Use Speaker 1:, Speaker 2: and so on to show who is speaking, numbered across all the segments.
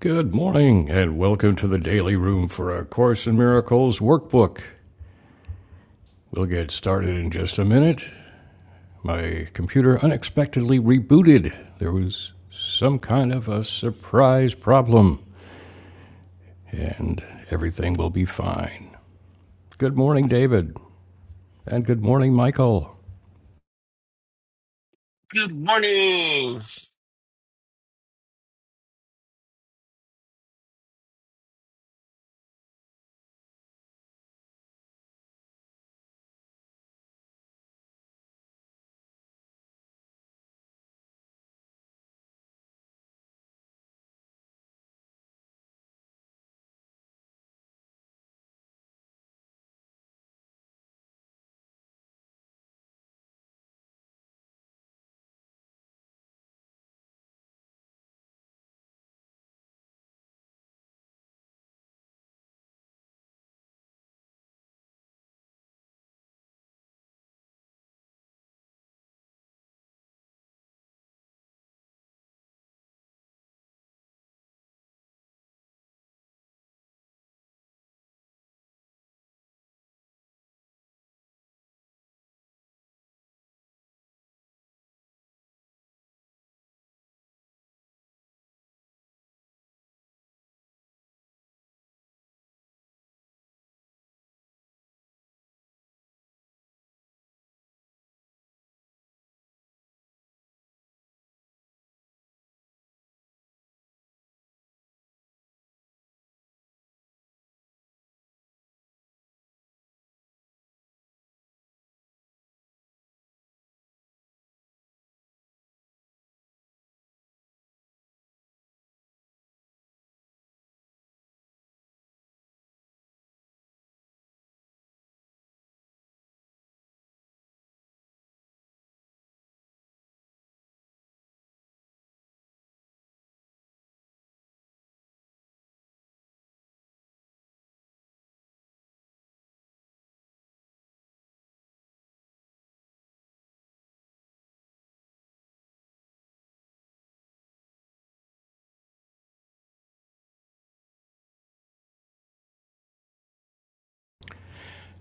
Speaker 1: Good morning, and welcome to the Daily Room for a Course in Miracles workbook. We'll get started in just a minute. My computer unexpectedly rebooted. There was some kind of a surprise problem, and everything will be fine. Good morning, David, and good morning, Michael.
Speaker 2: Good morning.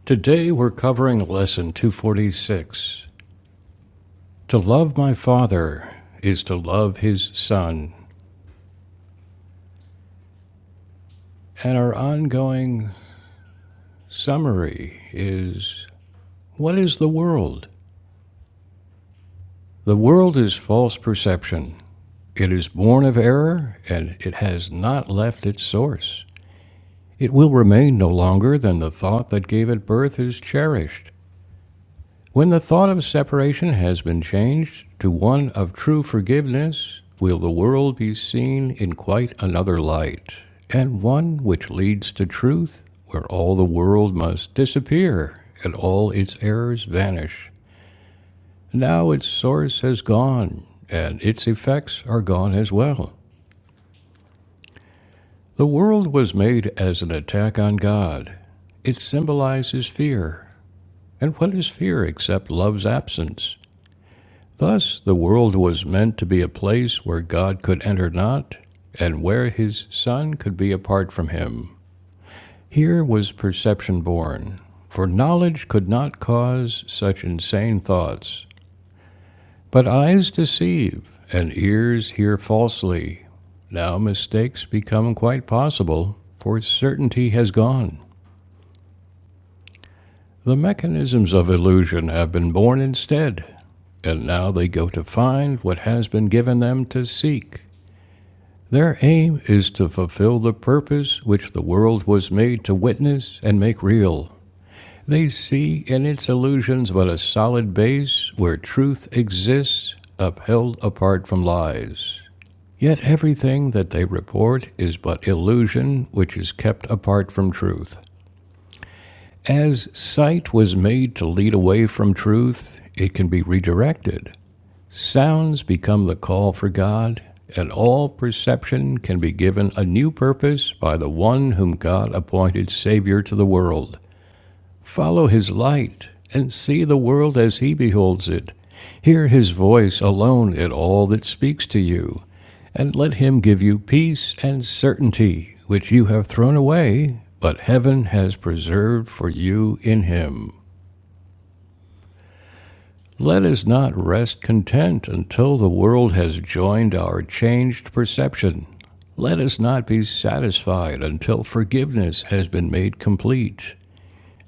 Speaker 1: Today we're covering Lesson 246. To love my Father is to love His Son. And our ongoing summary is What is the world? The world is false perception. It is born of error, and it has not left its source. It will remain no longer than the thought that gave it birth is cherished. When the thought of separation has been changed to one of true forgiveness, will the world be seen in quite another light, and one which leads to truth, where all the world must disappear and all its errors vanish. Now its source has gone, and its effects are gone as well. The world was made as an attack on God. It symbolizes fear. And what is fear except love's absence? Thus, the world was meant to be a place where God could enter not, and where his Son could be apart from him. Here was perception born, for knowledge could not cause such insane thoughts. But eyes deceive, and ears hear falsely. Now mistakes become quite possible, for certainty has gone. The mechanisms of illusion have been born instead, and now they go to find what has been given them to seek. Their aim is to fulfill the purpose which the world was made to witness and make real. They see in its illusions but a solid base where truth exists, upheld apart from lies. Yet everything that they report is but illusion which is kept apart from truth. As sight was made to lead away from truth, it can be redirected. Sounds become the call for God, and all perception can be given a new purpose by the one whom God appointed Savior to the world. Follow his light and see the world as he beholds it. Hear his voice alone in all that speaks to you, and let him give you peace and certainty, which you have thrown away, but heaven has preserved for you in him. Let us not rest content until the world has joined our changed perception. Let us not be satisfied until forgiveness has been made complete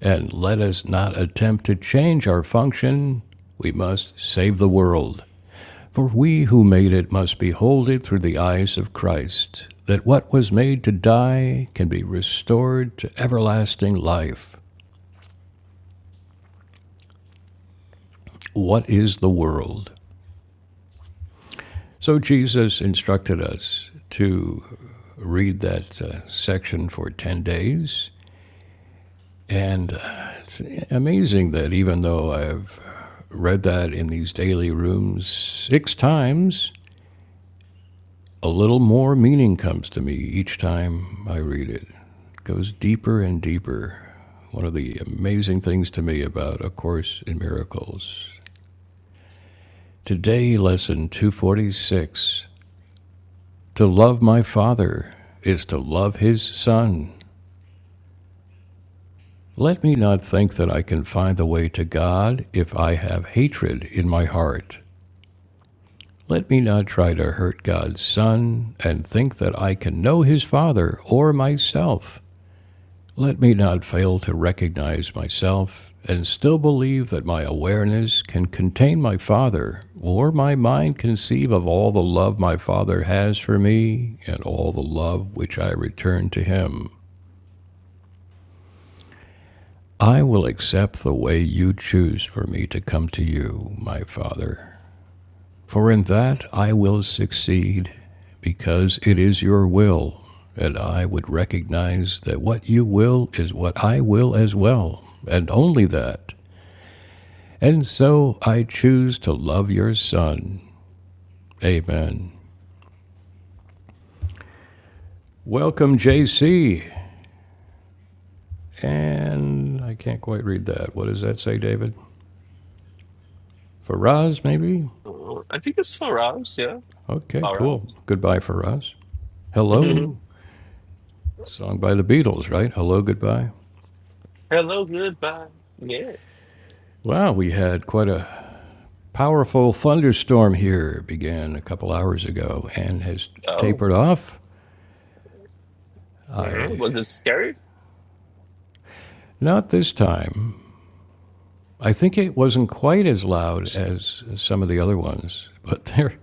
Speaker 1: and let us not attempt to change our function. We must save the world. For we who made it must behold it through the eyes of Christ, that what was made to die can be restored to everlasting life. What is the world? So Jesus instructed us to read that uh, section for 10 days. And uh, it's amazing that even though I've read that in these daily rooms six times, a little more meaning comes to me each time I read it. It goes deeper and deeper. One of the amazing things to me about A Course in Miracles. Today, lesson 246 To love my Father is to love His Son. Let me not think that I can find the way to God if I have hatred in my heart. Let me not try to hurt God's Son and think that I can know His Father or myself. Let me not fail to recognize myself and still believe that my awareness can contain my Father, or my mind conceive of all the love my Father has for me and all the love which I return to Him. I will accept the way you choose for me to come to you, my Father, for in that I will succeed, because it is your will, and I would recognize that what you will is what I will as well, and only that. And so I choose to love your son. Amen. Welcome, JC. And I can't quite read that. What does that say, David? Faraz, maybe?
Speaker 2: Oh, I think it's Faraz, yeah.
Speaker 1: Okay,
Speaker 2: Faraz.
Speaker 1: cool. Goodbye, Faraz. Hello. Song by the Beatles, right? Hello, goodbye.
Speaker 2: Hello, goodbye. Yeah.
Speaker 1: Wow, we had quite a powerful thunderstorm here. Began a couple hours ago and has
Speaker 2: Oh,
Speaker 1: tapered off.
Speaker 2: mm,
Speaker 1: I
Speaker 2: was it scary?
Speaker 1: not this time. I think it wasn't quite as loud as some of the other ones, but there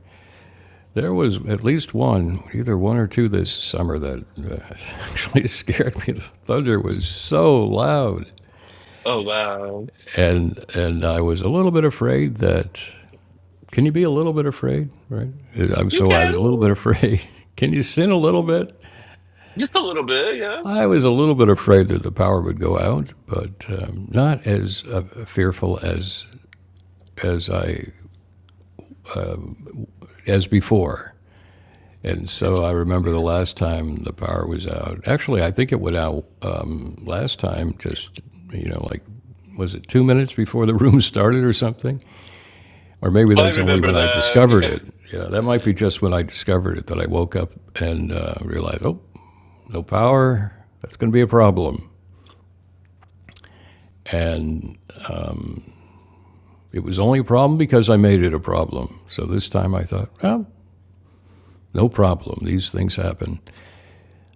Speaker 1: There was at least one, either one or two this summer that uh, actually scared me. The thunder was so loud,
Speaker 2: Oh, wow.
Speaker 1: and and I was a little bit afraid that. Can you be a little bit afraid, right? Uh, I'm
Speaker 2: You
Speaker 1: so I was
Speaker 2: can.
Speaker 1: a little bit afraid. Can you sin a little bit?
Speaker 2: Just a little bit, yeah.
Speaker 1: I was a little bit afraid that the power would go out, but um, not as uh, fearful as as I as before. And so I remember the last time the power was out. Actually, I think it went out um, last time, just, you know, like, was it two minutes before the room started or something? Or maybe
Speaker 2: Oh, I
Speaker 1: that's only
Speaker 2: remember
Speaker 1: when I
Speaker 2: that,
Speaker 1: discovered
Speaker 2: yeah.
Speaker 1: it. Yeah, that might be just when I discovered it that I woke up and uh, realized, oh, no power. That's going to be a problem. And it was only a problem because I made it a problem. So this time I thought, well, no problem. These things happen.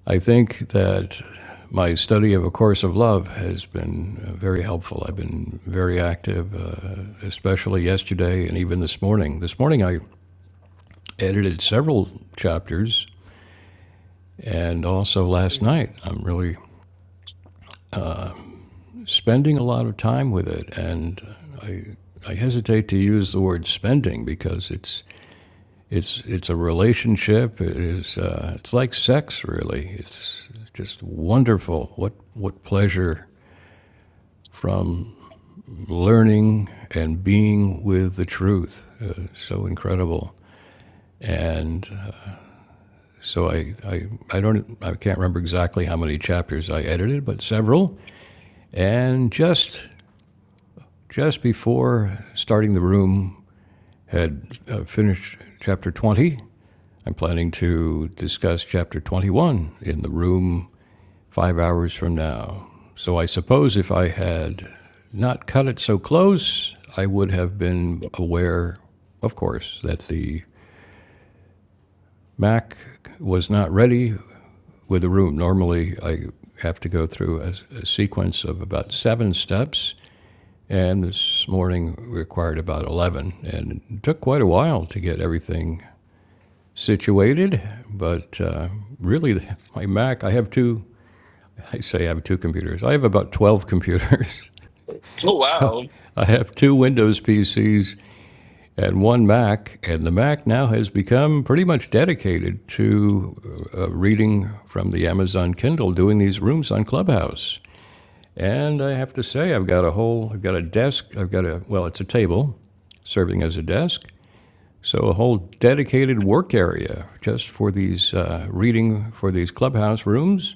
Speaker 1: I think that my study of A Course of Love has been uh, very helpful. I've been very active, uh, especially yesterday and even this morning. This morning, I edited several chapters, and also last night. I'm really spending a lot of time with it, and I I hesitate to use the word spending because it's it's it's a relationship. It is uh, it's like sex, really. It's just wonderful. What what pleasure from learning and being with the truth. Uh, so incredible. And uh, so I, I, I don't, I can't remember exactly how many chapters I edited, but several. And just, just before starting the room, had uh, finished chapter 20. I'm planning to discuss chapter 21 in the room five hours from now. So I suppose if I had not cut it so close, I would have been aware, of course, that the Mac was not ready with the room. Normally, I have to go through a, a sequence of about seven steps, and this morning required about 11. And it took quite a while to get everything situated, but uh, really, my Mac, I have two. I say I have two computers. I have about 12 computers.
Speaker 2: Oh,
Speaker 1: So
Speaker 2: wow.
Speaker 1: I have two Windows PCs and one Mac, and the Mac now has become pretty much dedicated to uh, uh, reading from the Amazon Kindle, doing these rooms on Clubhouse. And I have to say, I've got a whole, I've got a desk, I've got a, well, it's a table serving as a desk. So a whole dedicated work area just for these uh, reading for these clubhouse rooms,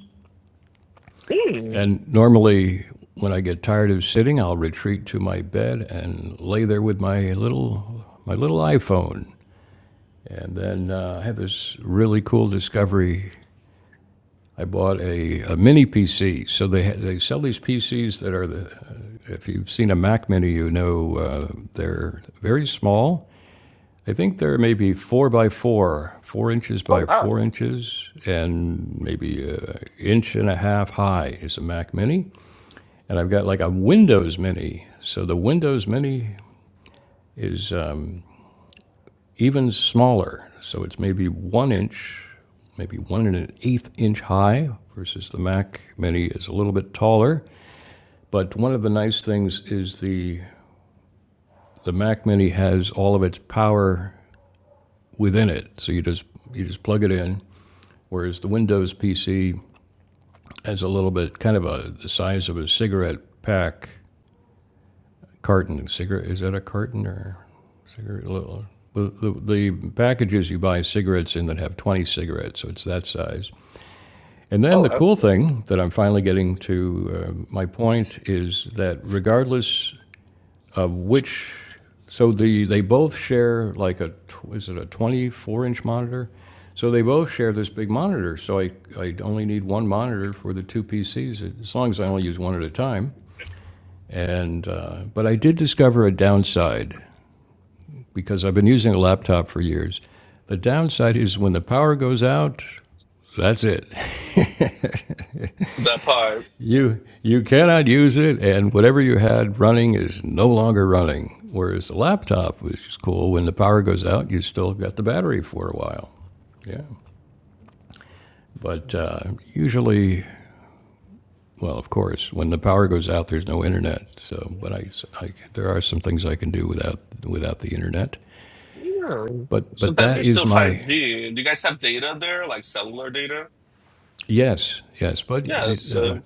Speaker 2: Mm.
Speaker 1: And normally, when I get tired of sitting, I'll retreat to my bed and lay there with my little my little iPhone. And then uh, I have this really cool discovery. I bought a, a mini PC. So they they sell these PCs that are the Uh, if you've seen a Mac Mini, you know uh, they're very small. I think they're maybe four by four, four inches
Speaker 2: Oh,
Speaker 1: by
Speaker 2: wow.
Speaker 1: four inches, and maybe an inch and a half high is a Mac Mini and I've got like a Windows Mini. So the Windows Mini is um, even smaller. So it's maybe one inch, maybe one and an eighth inch high, versus the Mac Mini is a little bit taller. But one of the nice things is the the Mac Mini has all of its power within it. So you just you just plug it in. Whereas the Windows PC has a little bit, kind of a the size of a cigarette pack carton. Cigarette is that a carton or? Cigarette, little- the, the, the packages you buy cigarettes in that have 20 cigarettes, so it's that size. And then
Speaker 2: Oh,
Speaker 1: the
Speaker 2: wow.
Speaker 1: cool thing that I'm finally getting to uh, my point is that regardless of which, so the they both share like a is it a 24 inch monitor? So they both share this big monitor. So I, I only need one monitor for the two PCs as long as I only use one at a time. And uh, but I did discover a downside because I've been using a laptop for years. The downside is when the power goes out, that's it.
Speaker 2: That part.
Speaker 1: You you cannot use it, and whatever you had running is no longer running. Whereas the laptop, which is cool, when the power goes out, you still got the battery for a while. Yeah, but uh, usually, well, of course, when the power goes out, there's no internet. So, but I, I- there are some things I can do without without the internet.
Speaker 2: Yeah.
Speaker 1: But but
Speaker 2: Sometimes
Speaker 1: that
Speaker 2: there's
Speaker 1: is
Speaker 2: still 5G.
Speaker 1: my
Speaker 2: Do you guys have data there, like cellular data?
Speaker 1: yes yes. But the,
Speaker 2: Yes.
Speaker 1: uh,
Speaker 2: so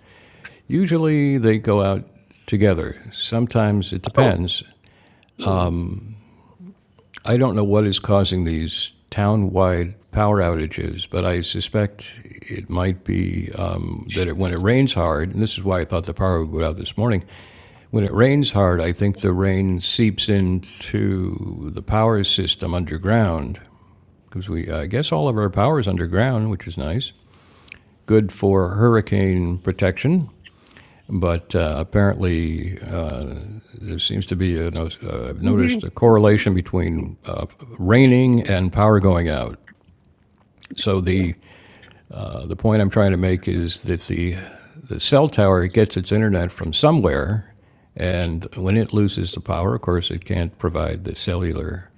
Speaker 1: Usually they go out together. Sometimes it
Speaker 2: oh.
Speaker 1: depends.
Speaker 2: hmm.
Speaker 1: I don't know what is causing these town-wide power outages, but I suspect it might be um, that it, when it rains hard, and this is why I thought the power would go out this morning, when it rains hard, I think the rain seeps into the power system underground because we, I guess, all of our power is underground, which is nice. Good for hurricane protection, but uh, apparently There seems to be, a no- uh, I've noticed a correlation between uh, raining and power going out. So the, uh, the point I'm trying to make is that the, the cell tower gets its internet from somewhere, and when it loses the power, of course, it can't provide the cellular.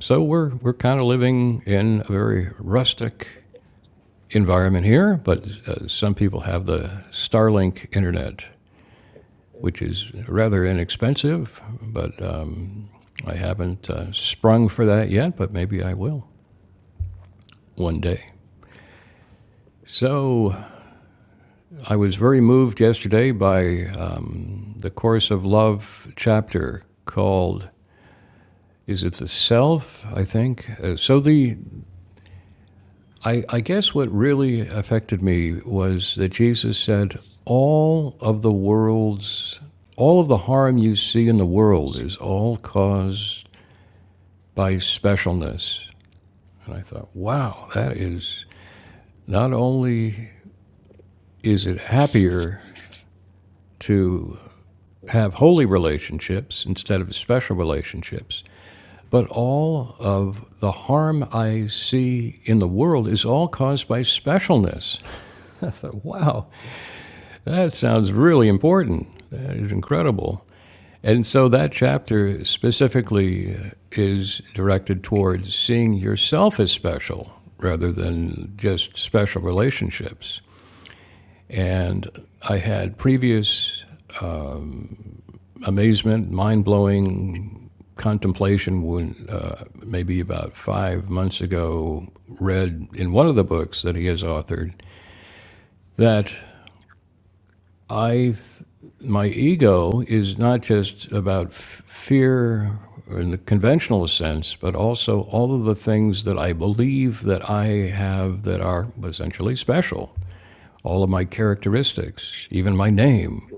Speaker 1: So we're, we're kind of living in a very rustic environment here, but uh, some people have the Starlink internet. which is rather inexpensive, but um, I haven't uh, sprung for that yet, but maybe I will one day. So I was very moved yesterday by um, the Course of Love chapter called is it the self i think uh, so the I, I guess what really affected me was that jesus said all of the world's all of the harm you see in the world is all caused by specialness And I thought, wow, that is not only is it happier to have holy relationships instead of special relationships, but all of the harm I see in the world is all caused by specialness. I thought, wow, that sounds really important. That is incredible. And so that chapter specifically is directed towards seeing yourself as special rather than just special relationships. And I had previous amazement, mind blowing contemplation when uh, maybe about five months ago read in one of the books that he has authored that I th- my ego is not just about f- fear in the conventional sense, but also all of the things that I believe that I have that are essentially special. All of my characteristics, even my name,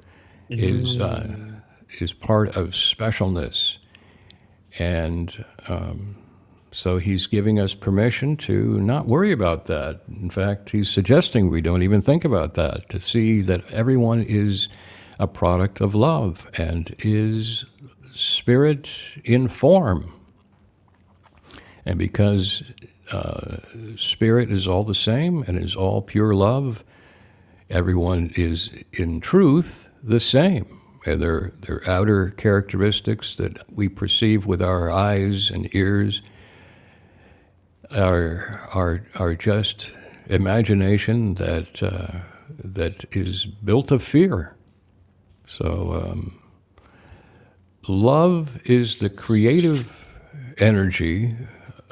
Speaker 2: Mm.
Speaker 1: is. uh, is part of specialness. And so he's giving us permission to not worry about that. In fact, he's suggesting we don't even think about that, to see that everyone is a product of love and is spirit in form. And because spirit is all the same and is all pure love, everyone is in truth the same. And their, their outer characteristics that we perceive with our eyes and ears our our our just imagination that uh, that is built of fear. So um, love is the creative energy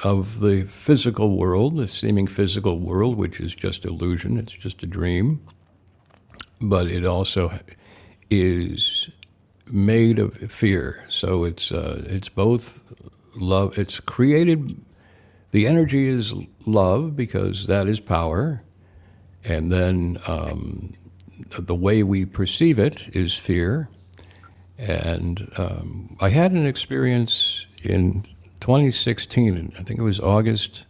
Speaker 1: of the physical world, the seeming physical world, which is just illusion. It's just a dream, but it also is made of fear. So it's uh, it's both love. It's created. The energy is love because that is power, And then um, the- way we perceive it is fear. And um, I had an experience in 2016, I think it was August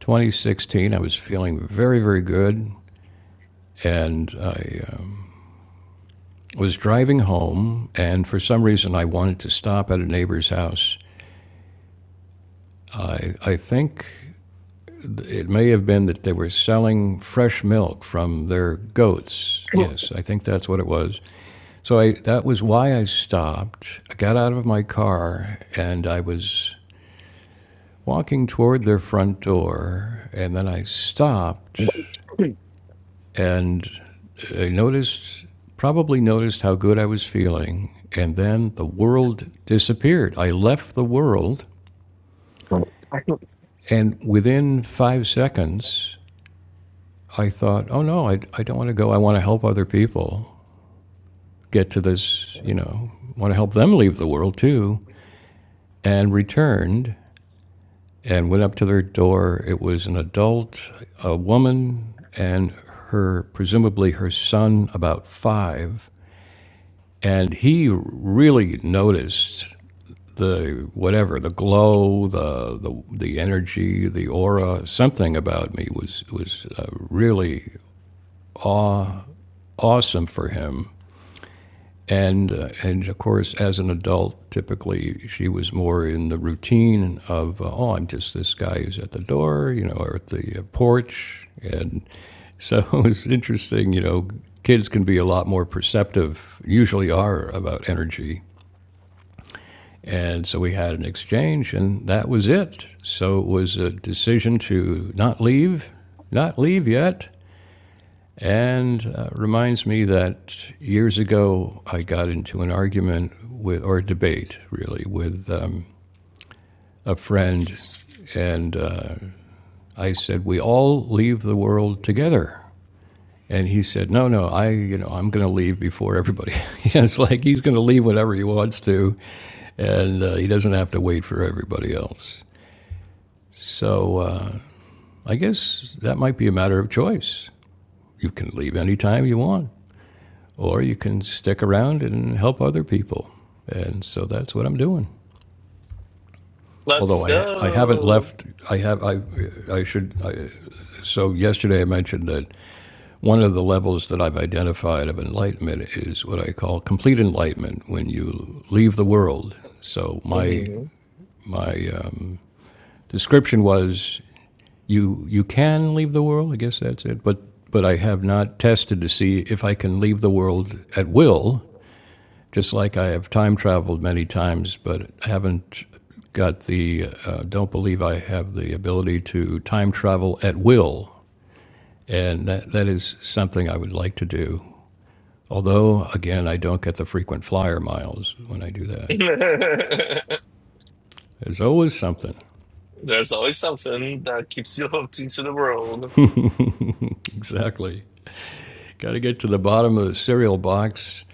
Speaker 1: 2016. I was feeling very, very good. And I uh, was driving home, and for some reason, I wanted to stop at a neighbor's house. I, I think it may have been that they were selling fresh milk from their goats. Yes, I think that's what it was. So I, that was why I stopped. I got out of my car and I was walking toward their front door, and then I stopped and I noticed, probably noticed how good I was feeling. And then the world disappeared. I left the world, and within five seconds, I thought, oh no, I, I don't want to go. I want to help other people get to this, you know, want to help them leave the world too, and returned and went up to their door. It was an adult, a woman, and her, presumably her son, about five. And he really noticed the whatever the glow the the, the energy the aura something about me was was uh, really awesome for him And, uh, and of course, as an adult, typically she was more in the routine of, uh, oh, I'm just this guy who's at the door, you know, or at the uh, porch. And so it's interesting, you know, kids can be a lot more perceptive, usually are, about energy. And so we had an exchange, and that was it. So it was a decision to not leave, not leave yet, and uh, reminds me that years ago I got into an argument with, or a debate really, with um, a friend. And uh, I said, We all leave the world together. And he said, No, no, I, you know, I'm going to leave before everybody. it's like he's going to leave whenever he wants to. And uh, he doesn't have to wait for everybody else. So uh, I guess that might be a matter of choice. You can leave anytime you want. or you can stick around and help other people. And so that's what I'm doing.
Speaker 2: Let's
Speaker 1: Although I, I haven't
Speaker 2: go.
Speaker 1: left, I have I I should. I, so yesterday I mentioned that one of the levels that I've identified of enlightenment is what I call complete enlightenment when you leave the world. So my
Speaker 2: Mhm.
Speaker 1: my um, description was you you can leave the world. I guess that's it. But but I have not tested to see if I can leave the world at will just like I have time traveled many times, but I haven't got the, uh, don't believe I have the ability to time travel at will. And that, that is something I would like to do. Although, again, I don't get the frequent flyer miles when I do that. There's always something.
Speaker 2: There's always something that keeps you hooked into the world.
Speaker 1: Exactly. Got to get to the bottom of the cereal box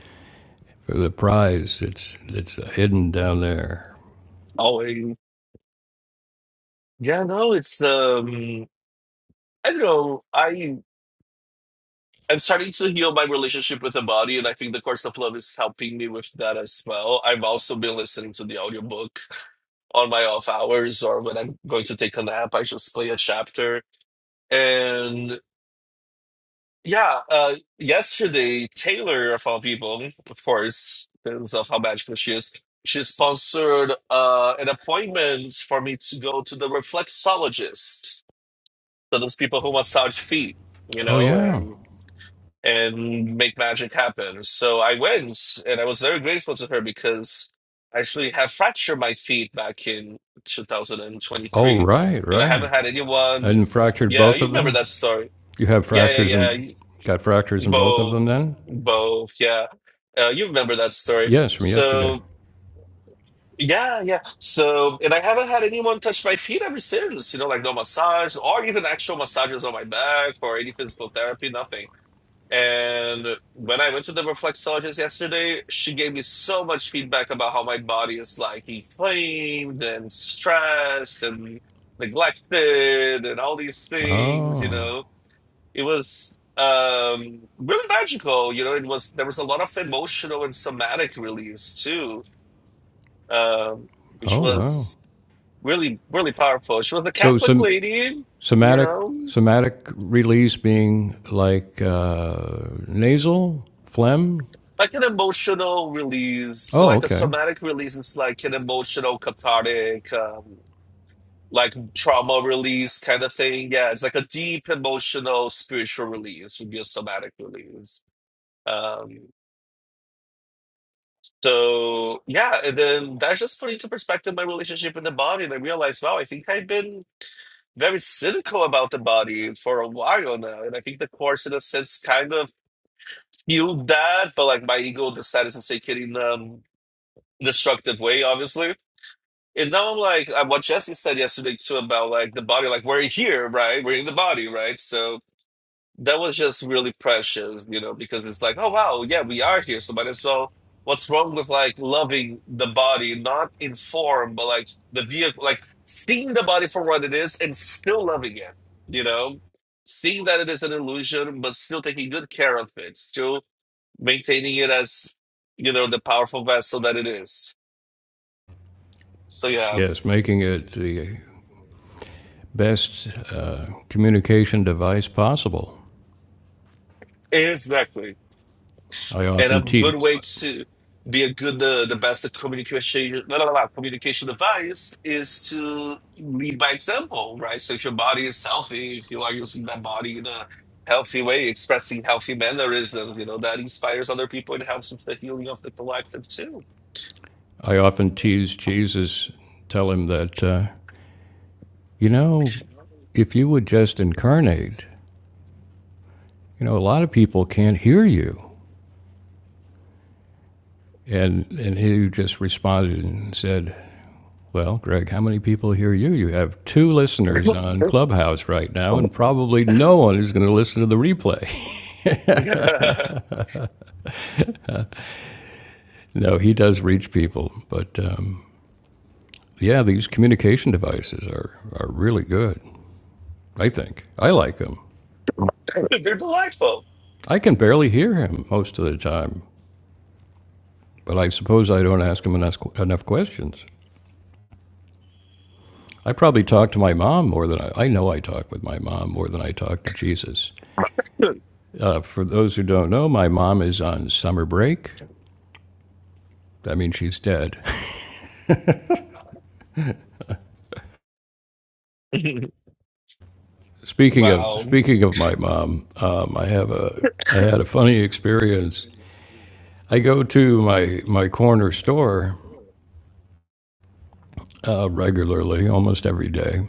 Speaker 1: for the prize. It's, it's hidden down there.
Speaker 2: Always. Yeah, no, it's um I don't know. I I'm starting to heal my relationship with the body and I think the course of love is helping me with that as well. I've also been listening to the audiobook on my off hours or when I'm going to take a nap, I just play a chapter. Yeah, uh, yesterday, Taylor, of all people, of course, because of how magical she is, she sponsored uh, an appointment for me to go to the reflexologist. So those people who massage feet, you
Speaker 1: Oh,
Speaker 2: know,
Speaker 1: yeah.
Speaker 2: and and make magic happen. So I went, and I was very grateful to her because I actually have fractured my feet back in
Speaker 1: Oh,
Speaker 2: 2023,
Speaker 1: right,
Speaker 2: and I haven't
Speaker 1: right.
Speaker 2: had anyone.
Speaker 1: And fractured
Speaker 2: Yeah,
Speaker 1: both
Speaker 2: you
Speaker 1: of
Speaker 2: remember
Speaker 1: them?
Speaker 2: that story.
Speaker 1: You have
Speaker 2: Yeah,
Speaker 1: fractures
Speaker 2: yeah,
Speaker 1: and
Speaker 2: yeah.
Speaker 1: got fractures in both of
Speaker 2: Both,
Speaker 1: them then?
Speaker 2: both, yeah. Uh, you remember that story.
Speaker 1: Yes, from yesterday.
Speaker 2: So, yeah, yeah. So, and I haven't had anyone touch my feet ever since, you know, like no massage or even actual massages on my back or any physical therapy, nothing. And when I went to the reflexologist yesterday, she gave me so much feedback about how my body is like inflamed and stressed and neglected and all these things, you know
Speaker 1: Oh,
Speaker 2: it was um really magical you know it was there was a lot of emotional and somatic release too um which
Speaker 1: oh wow.
Speaker 2: was really really powerful she was a
Speaker 1: So
Speaker 2: catholic
Speaker 1: some
Speaker 2: lady you
Speaker 1: somatic
Speaker 2: know
Speaker 1: somatic release being like uh, nasal phlegm.
Speaker 2: like an emotional release so
Speaker 1: Oh,
Speaker 2: like a
Speaker 1: okay.
Speaker 2: somatic release is like an emotional cathartic um like trauma release kind of thing yeah it's like a deep emotional spiritual release would be a somatic release um So yeah, and then that just put into perspective my relationship with the body. And I realized, wow, I think I've been very cynical about the body for a while now. And I think the course in a sense kind of healed that, but like my ego decided to take it in um destructive way, obviously. And now I'm like, uh, what Jesse said yesterday too about like the body, like we're here, right? We're in the body, right? So that was just really precious, you know, because it's like, oh wow, yeah, we are here. So might as well. What's wrong with like loving the body, not in form, but like the vehicle, like seeing the body for what it is and still loving it, you know, seeing that it is an illusion, but still taking good care of it, still maintaining it as, you know, the powerful vessel that it is. So yeah,
Speaker 1: Yes, making it the best uh, communication device possible.
Speaker 2: exactly.
Speaker 1: I
Speaker 2: and a
Speaker 1: often
Speaker 2: good
Speaker 1: te-
Speaker 2: way to be a good uh, the best communication blah, blah, blah, communication device is to lead by example right so if your body is healthy if you are using that body in a healthy way expressing healthy mannerisms you know that inspires other people and helps with the healing of the collective too
Speaker 1: I often tease Jesus, tell him that uh, you know if you would just incarnate, you know, a lot of people can't hear you. And, and he just responded and said, Well, Greg, how many people hear you? You have two listeners on
Speaker 2: Yes.
Speaker 1: Clubhouse right now, and probably no one is going to listen to the replay. no, he does reach people. But um, yeah, these communication devices are, are really good, I think. I like them.
Speaker 2: they're delightful
Speaker 1: I can barely hear him most of the time, but I suppose I don't ask him enough, enough questions. I probably talk to my mom more than I, I know I talk with my mom more than I talk to Jesus. Uh, for those who don't know, my mom is on summer break. That means she's dead. Speaking of
Speaker 2: wow
Speaker 1: speaking of my mom, um, I have a I had a funny experience. I go to my my corner store uh, regularly, almost every day,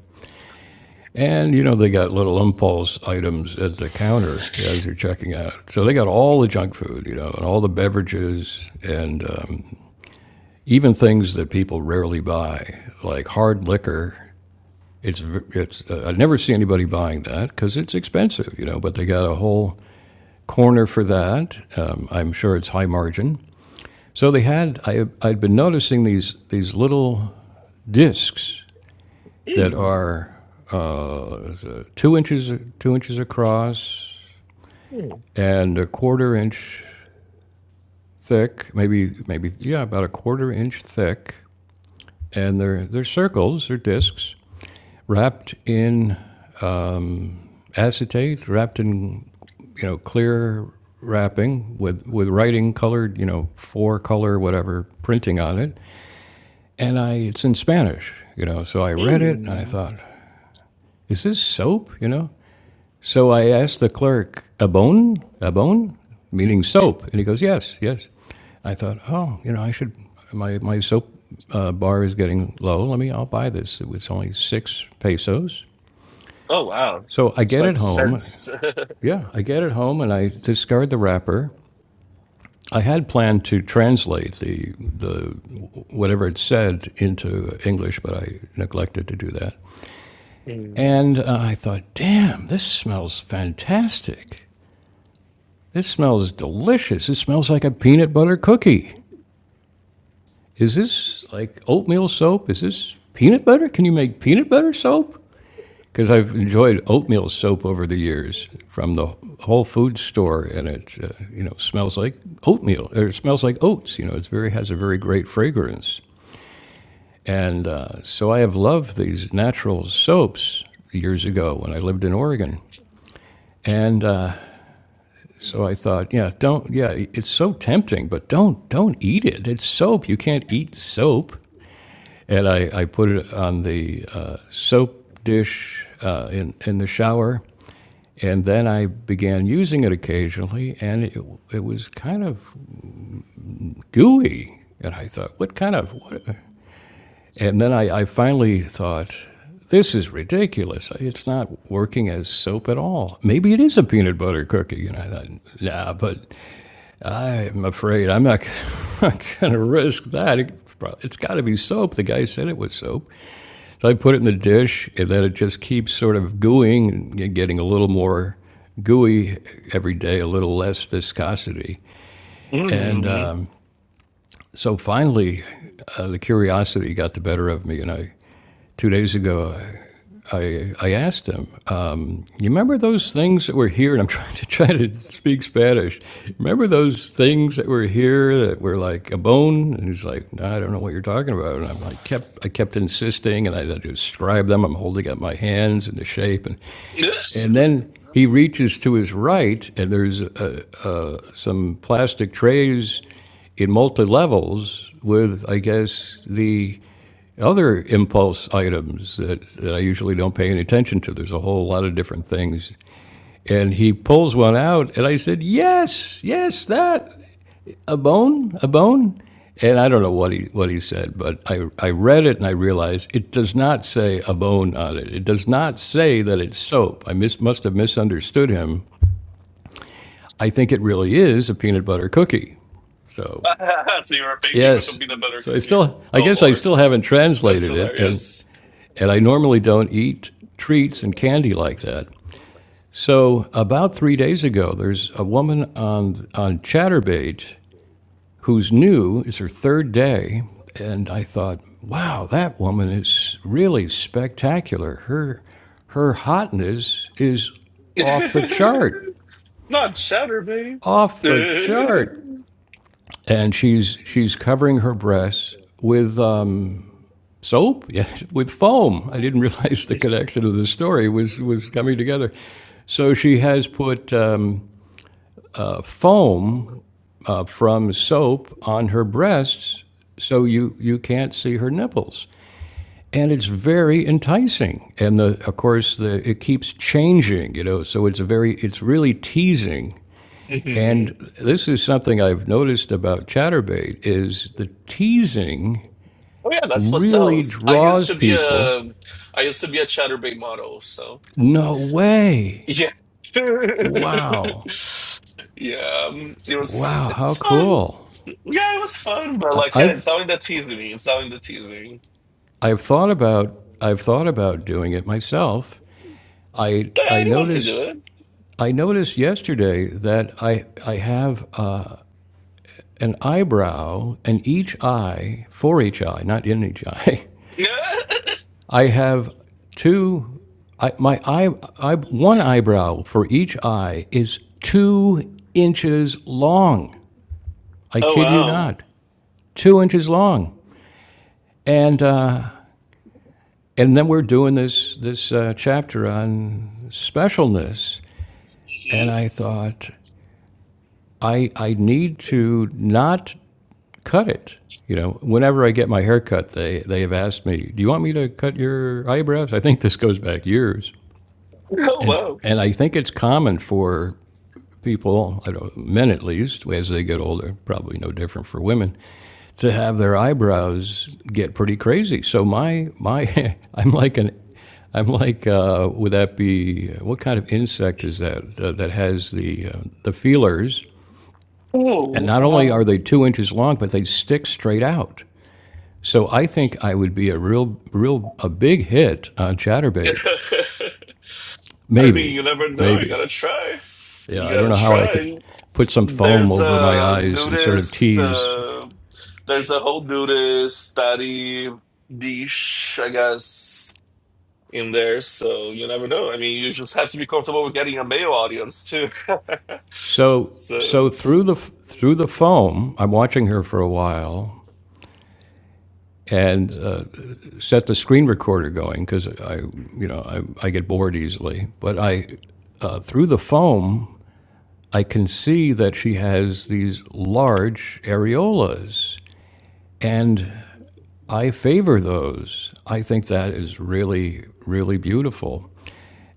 Speaker 1: and you know they got little impulse items at the counter as you're checking out. So they got all the junk food, you know, and all the beverages, and um, even things that people rarely buy, like hard liquor It's it's uh, I never see anybody buying that because it's expensive, you know. But they got a whole corner for that. Um, I'm sure it's high margin. So they had I I'd been noticing these these little discs that
Speaker 2: Mm.
Speaker 1: are uh, two inches two inches across
Speaker 2: Mm.
Speaker 1: and a quarter inch thick, maybe maybe yeah, about a quarter inch thick, and they're they're circles, or discs wrapped in acetate wrapped in you know clear wrapping with with writing colored you know four color whatever printing on it and i it's in spanish you know so i read it and i
Speaker 2: Mm.
Speaker 1: thought is this soap you know so i asked the clerk abon abon meaning soap and he goes yes yes i thought oh you know i should my my soap uh, bar is getting low let me i'll buy this it was only six pesos
Speaker 2: Oh wow.
Speaker 1: so i
Speaker 2: It's
Speaker 1: get
Speaker 2: like
Speaker 1: it home
Speaker 2: sense.
Speaker 1: Yeah, I get it home and I discard the wrapper. I had planned to translate the the whatever it said into English, but I neglected to do that.
Speaker 2: Mm.
Speaker 1: And uh, I thought, damn, this smells fantastic. This smells delicious. It smells like a peanut butter cookie. Is this like oatmeal soap? Is this peanut butter? Can you make peanut butter soap? because I've enjoyed oatmeal soap over the years from the whole food store, and it uh, you know smells like oatmeal or it smells like oats. You know, it's very has a very great fragrance, and uh, so I have loved these natural soaps years ago when I lived in Oregon, and uh, so I thought, yeah, don't yeah, it's so tempting, but don't don't eat it. It's soap. You can't eat soap. And I, I put it on the uh, soap dish uh, in in the shower And then I began using it occasionally, and it, it was kind of gooey. And I thought, what kind of? What? And then I, I finally thought, this is ridiculous. It's not working as soap at all. Maybe it is a peanut butter cookie. And I thought, nah, but I'm afraid I'm not, going to risk that. It, it's got to be soap. The guy said it was soap. So I put it in the dish, and then it just keeps sort of gooing and getting a little more gooey every day, a little less viscosity. And
Speaker 2: Mm.
Speaker 1: um, so finally, uh, the curiosity got the better of me. And I, two days ago, I, I asked him, um, you remember those things that were here? And I'm trying to try to speak Spanish. Remember those things that were here that were like a bone? And he's like, no, I don't know what you're talking about. And I'm like, kept I kept insisting, and I had to describe them. I'm holding up my hands and the shape, and
Speaker 2: Mm.
Speaker 1: and then he reaches to his right, and there's a, some plastic trays in multi levels with, I guess, the other impulse items that, that I usually don't pay any attention to. There's a whole lot of different things. And he pulls one out, and I said, Yes, yes, that, a bone, a bone. And I don't know what he, what he said, but I, I read it and I realized it does not say a bone on it. It does not say that it's soap. I mis- must have misunderstood him. I think it really is a peanut butter cookie. So
Speaker 2: so you were painting with would
Speaker 1: Yes.
Speaker 2: be the better
Speaker 1: So I
Speaker 2: cook
Speaker 1: still, I
Speaker 2: Oh
Speaker 1: guess I
Speaker 2: lord,
Speaker 1: still haven't
Speaker 2: that's
Speaker 1: translated it, and,
Speaker 2: hilarious.
Speaker 1: and I normally don't eat treats and candy like that. So about three days ago, there's a woman on on ChatterBait who's new. It's her third day, and I thought, wow, that woman is really spectacular. Her her hotness is off the chart,
Speaker 2: Not shatter, babe.
Speaker 1: off the chart. And she's she's covering her breasts with uh, soap yeah, with foam. I didn't realize the connection of the story was, was coming together. So she has put um, foam uh, from soap on her breasts so you, you can't see her nipples. And it's very enticing. And the, of course, the, it keeps changing, you know, so it's, a very, it's really teasing. And
Speaker 2: Mhm.
Speaker 1: this is something I've noticed about Chatterbait is the teasing
Speaker 2: Oh yeah, that's what
Speaker 1: really
Speaker 2: sells. I used
Speaker 1: draws
Speaker 2: to be
Speaker 1: people
Speaker 2: a, I used to be a chatterbait model. So
Speaker 1: No way.
Speaker 2: yeah,
Speaker 1: Wow.
Speaker 2: yeah, um, it was
Speaker 1: Wow,
Speaker 2: it
Speaker 1: how
Speaker 2: was fun.
Speaker 1: cool.
Speaker 2: Yeah, it was fun. But
Speaker 1: I,
Speaker 2: like, yeah,
Speaker 1: I've
Speaker 2: it's not in the teasing me. It's not in the teasing.
Speaker 1: I've thought about I've thought about doing it myself. I
Speaker 2: Yeah,
Speaker 1: I
Speaker 2: anyone can do
Speaker 1: noticed
Speaker 2: it.
Speaker 1: I noticed yesterday that I I have uh, an eyebrow and each eye for each eye, not in each eye. I have two I, my eye, I, one eyebrow for each eye is two inches long. I
Speaker 2: oh
Speaker 1: kid you
Speaker 2: wow.
Speaker 1: not, two inches long. And uh, and then we're doing this this uh, chapter on specialness, and I thought I I need to not cut it. You know, whenever I get my hair cut, they they have asked me, "Do you want me to cut your eyebrows?" I think this goes back years,
Speaker 2: Oh
Speaker 1: And,
Speaker 2: wow.
Speaker 1: and I think it's common for people, I don't, men at least, as they get older, probably no different for women, to have their eyebrows get pretty crazy. So my, my, I'm like an, I'm like, uh, would that be, what kind of insect is that, uh, that has the, uh, the feelers? And
Speaker 2: Oh.
Speaker 1: not only are they two inches long, but they stick straight out. So I think I would be a real, real, a big hit on chatterbait.
Speaker 2: I mean, you
Speaker 1: Maybe,
Speaker 2: never know. You
Speaker 1: maybe.
Speaker 2: gotta try.
Speaker 1: Yeah,
Speaker 2: You
Speaker 1: I don't
Speaker 2: gotta
Speaker 1: know how I could
Speaker 2: try.
Speaker 1: put some foam
Speaker 2: There's
Speaker 1: over my
Speaker 2: a
Speaker 1: eyes and sort of
Speaker 2: nudist.
Speaker 1: tease.
Speaker 2: Uh, there's a whole nudist study niche, I guess, in there. So you never know. I mean, you just have to be comfortable with getting a male audience too.
Speaker 1: So, so
Speaker 2: so,
Speaker 1: through the through the foam, I'm watching her for a while and uh, set the screen recorder going because I, you know, I, I get bored easily. But I, uh, through the foam, I can see that she has these large areolas, and I favor those. I think that is really, really beautiful.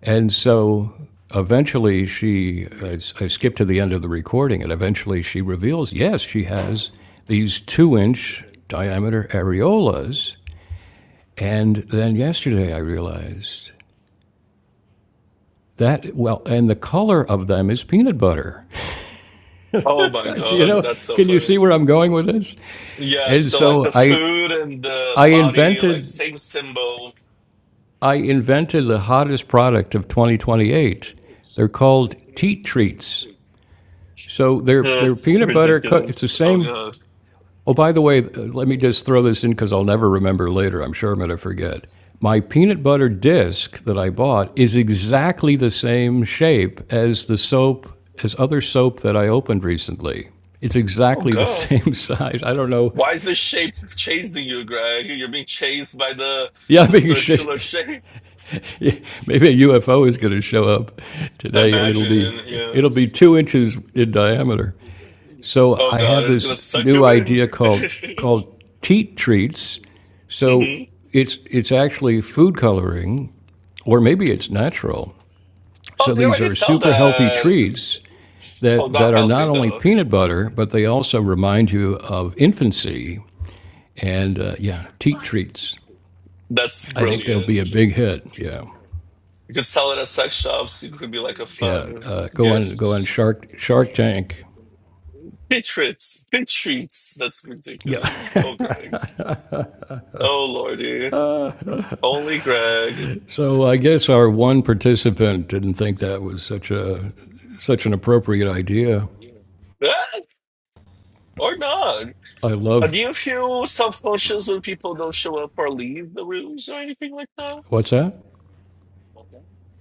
Speaker 1: And so eventually she, i I skipped to the end of the recording, and eventually she reveals yes, she has these two inch diameter areolas. And then yesterday I realized that, well, and the color of them is peanut butter.
Speaker 2: oh my
Speaker 1: Do you
Speaker 2: god,
Speaker 1: know?
Speaker 2: that's so
Speaker 1: Can you see
Speaker 2: funny.
Speaker 1: where I'm going with this?
Speaker 2: Yeah,
Speaker 1: And
Speaker 2: so like
Speaker 1: so
Speaker 2: the
Speaker 1: I,
Speaker 2: food and the
Speaker 1: I
Speaker 2: body, like
Speaker 1: invented.
Speaker 2: same symbol.
Speaker 1: I invented the hottest product of 2028. They're called teat treats. So they're they're
Speaker 2: That's
Speaker 1: peanut butter cook. It's the
Speaker 2: ridiculous. Oh
Speaker 1: same
Speaker 2: god.
Speaker 1: Oh, by the way, uh, let me just throw this in because I'll never remember later. I'm sure I'm going to forget. My peanut butter disc that I bought is exactly the same shape as the soap, as other soap that I opened recently. It's
Speaker 2: Oh
Speaker 1: exactly the
Speaker 2: god.
Speaker 1: same size. I don't know.
Speaker 2: Why is this shape chasing you, Greg? You're being chased by the
Speaker 1: Yeah,
Speaker 2: the
Speaker 1: maybe
Speaker 2: circular shape.
Speaker 1: maybe a UFO is going to show up today, and it'll be
Speaker 2: Imagine,
Speaker 1: it'll
Speaker 2: yeah.
Speaker 1: be two inches in diameter. So
Speaker 2: Oh
Speaker 1: I
Speaker 2: god,
Speaker 1: have
Speaker 2: it's
Speaker 1: this
Speaker 2: gonna suck
Speaker 1: new
Speaker 2: you in.
Speaker 1: idea called called teat treats. So
Speaker 2: hmm
Speaker 1: it's it's actually food coloring, or maybe it's natural.
Speaker 2: Oh,
Speaker 1: So
Speaker 2: they
Speaker 1: these
Speaker 2: already
Speaker 1: are
Speaker 2: sell
Speaker 1: super healthy
Speaker 2: that.
Speaker 1: treats
Speaker 2: Oh,
Speaker 1: that
Speaker 2: not
Speaker 1: that are not
Speaker 2: healthy
Speaker 1: only
Speaker 2: though.
Speaker 1: peanut butter, but they also remind you of infancy. And uh, yeah, teat treats.
Speaker 2: That's
Speaker 1: I think they'll be a
Speaker 2: brilliant. You
Speaker 1: big hit. Yeah,
Speaker 2: could sell it at sex shops. It could be like a
Speaker 1: yeah.
Speaker 2: fun
Speaker 1: Uh, go on, go on
Speaker 2: gift.
Speaker 1: Shark Shark Tank.
Speaker 2: Pit treats. Pit treats. That's
Speaker 1: Yeah.
Speaker 2: ridiculous. Oh, Greg. Oh, lordy. Only Greg.
Speaker 1: So I guess our one participant didn't think that was such a such an appropriate idea.
Speaker 2: Ah, or not.
Speaker 1: I
Speaker 2: Uh,
Speaker 1: love
Speaker 2: do you feel self-conscious when people don't show up or leave the rooms or anything like that?
Speaker 1: what's that?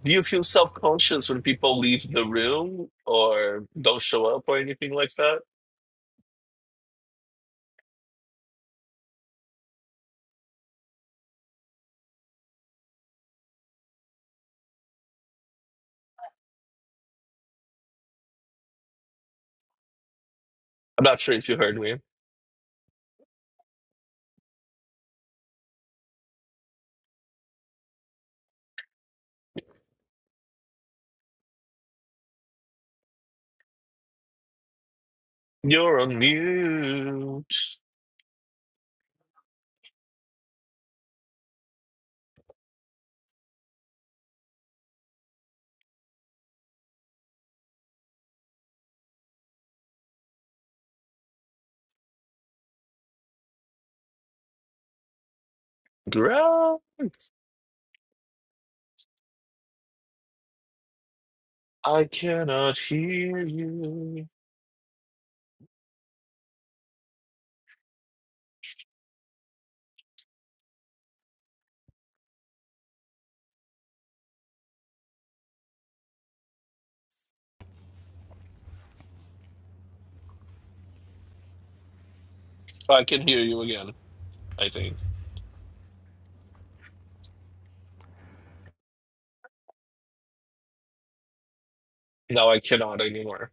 Speaker 2: Do you feel self-conscious when people leave the room or don't show up or anything like that? I'm not sure if you heard me. You're on mute, Greg. I cannot hear you. I can hear you again, I think. Now I cannot anymore.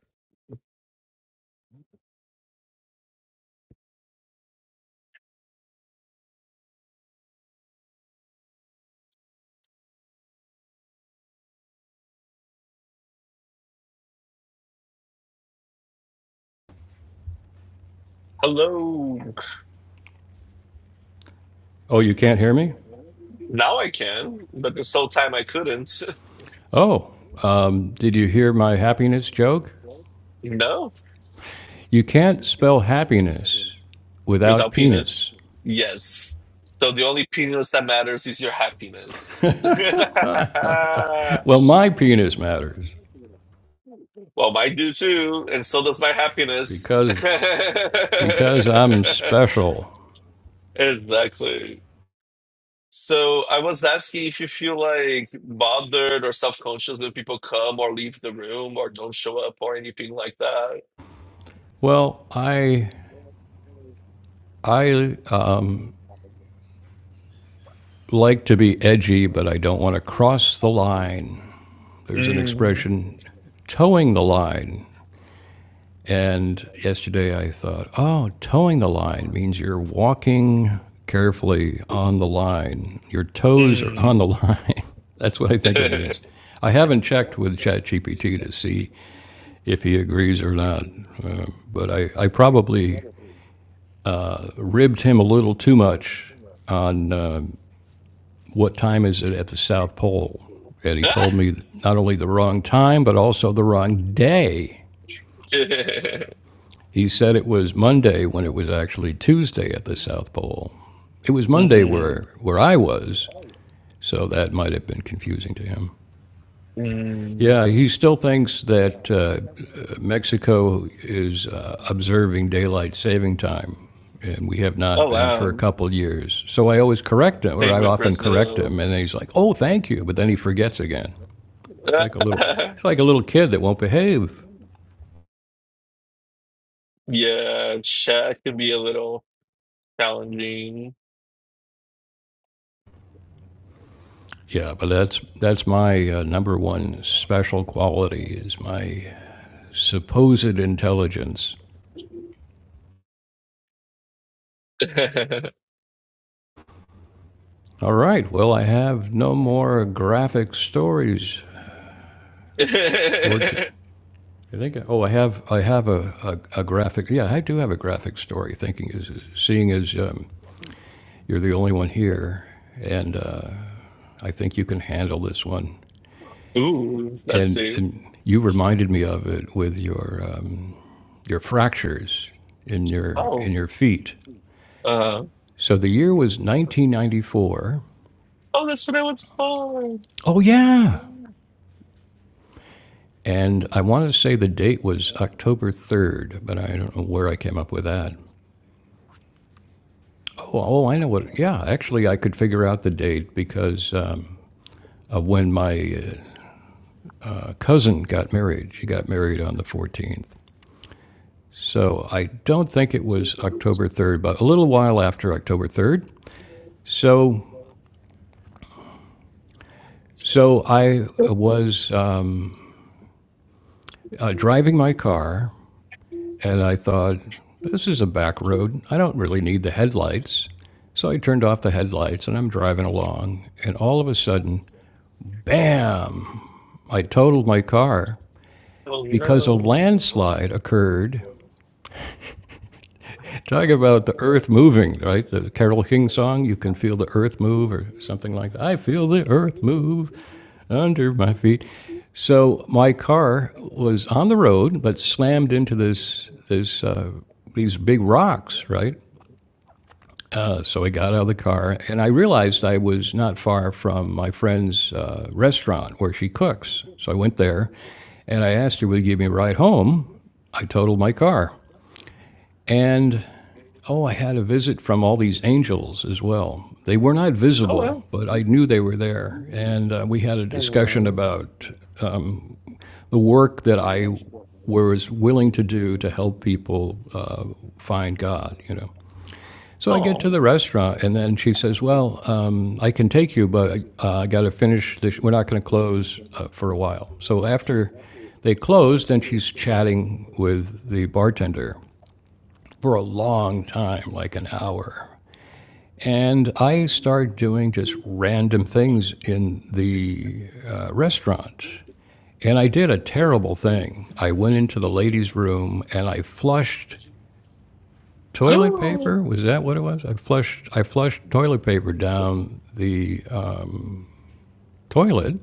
Speaker 2: Hello.
Speaker 1: Oh, you can't hear me?
Speaker 2: Now I can, but this whole time I couldn't.
Speaker 1: Oh, um, did you hear my happiness joke?
Speaker 2: No,
Speaker 1: You can't spell happiness without
Speaker 2: without penis.
Speaker 1: penis.
Speaker 2: Yes. So the only penis that matters is your happiness. well,
Speaker 1: Well, my penis matters
Speaker 2: mine do too, and so does my happiness.
Speaker 1: because because I'm special.
Speaker 2: exactly. So I was asking if you feel like bothered or self-conscious when people come or leave the room or don't show up or anything like that.
Speaker 1: Well, I I um, like to be edgy, but I don't want to cross the line. There's an
Speaker 2: Mm,
Speaker 1: expression, towing the line. And yesterday I thought, oh, towing the line means you're walking carefully on the line. Your toes are on
Speaker 2: mm.
Speaker 1: the line. That's what I think it means. I haven't checked with ChatGPT to see if he agrees or not, uh, but I, I probably ribbed him a little too much on uh, what time is it at the South Pole. And he
Speaker 2: Ah!
Speaker 1: told me not only the wrong time, but also the wrong day. He said it was Monday when it was actually Tuesday at the South Pole. It was Monday
Speaker 2: Mhm,
Speaker 1: where, where I was, so that might have been confusing to him.
Speaker 2: mm.
Speaker 1: Yeah, he still thinks that uh, Mexico is uh, observing daylight saving time, and we have
Speaker 2: Oh
Speaker 1: not been for a
Speaker 2: wow.
Speaker 1: couple years. So I always correct him, or
Speaker 2: Same
Speaker 1: I
Speaker 2: with
Speaker 1: often correct
Speaker 2: Brazil.
Speaker 1: him, and then he's like, "Oh, thank you," but then he forgets again. It's like a little, it's like a little kid that won't behave.
Speaker 2: Yeah, chat can be a little challenging.
Speaker 1: Yeah, but that's that's my uh, number one special quality is my supposed intelligence. All right. Well, I have no more graphic stories for. T- I think. Oh, I have. I have a, a, a graphic. Yeah, I do have a graphic story. Thinking is seeing as um, you're the only one here, and uh, I think you can handle this one.
Speaker 2: Ooh, that's
Speaker 1: And
Speaker 2: it.
Speaker 1: and you reminded me of it with your um, your fractures in your
Speaker 2: Oh,
Speaker 1: in your feet.
Speaker 2: uh,
Speaker 1: So the year was 1994,
Speaker 2: oh, that's what I was for.
Speaker 1: Oh, yeah. and I want to say the date was October 3rd, but I don't know where I came up with that. Oh, oh I know what. Yeah, actually, I could figure out the date because um, of when my uh, cousin got married. She got married on the 14th. So I don't think it was October 3rd, but a little while after October 3rd. So so I was uh, uh, driving my car And I thought, this is a back road. I don't really need the headlights. So I turned off the headlights and I'm driving along. And all of a sudden, bam, I totaled my car
Speaker 2: Oh
Speaker 1: because a
Speaker 2: no.
Speaker 1: landslide occurred. Talk about the earth moving, right? The Carol King song, You Can Feel the Earth Move, or something like that. I feel the earth move under my feet. So my car was on the road, but slammed into this, this, uh, these big rocks, right? Uh, So I got out of the car and I realized I was not far from my friend's uh, restaurant where she cooks. So I went there and I asked her, would you give me a ride home? I totaled my car. And oh, I had a visit from all these angels as well. They were not
Speaker 2: Oh well.
Speaker 1: visible, but I knew they were there. And uh, we had a discussion
Speaker 2: Anyway.
Speaker 1: about the work that I was willing to do to help people uh, find God, you know. So I get
Speaker 2: Oh.
Speaker 1: to the restaurant, and then she says, "Well, um, I can take you, but uh, I got to finish. This. We're not going to close uh, for a while." So after they closed, then she's chatting with the bartender for a long time, like an hour. And I start doing just random things in the uh, restaurant. And I did a terrible thing. I went into the ladies' room and I flushed toilet paper. Was that what it was? I flushed I flushed toilet paper down the uh, toilet,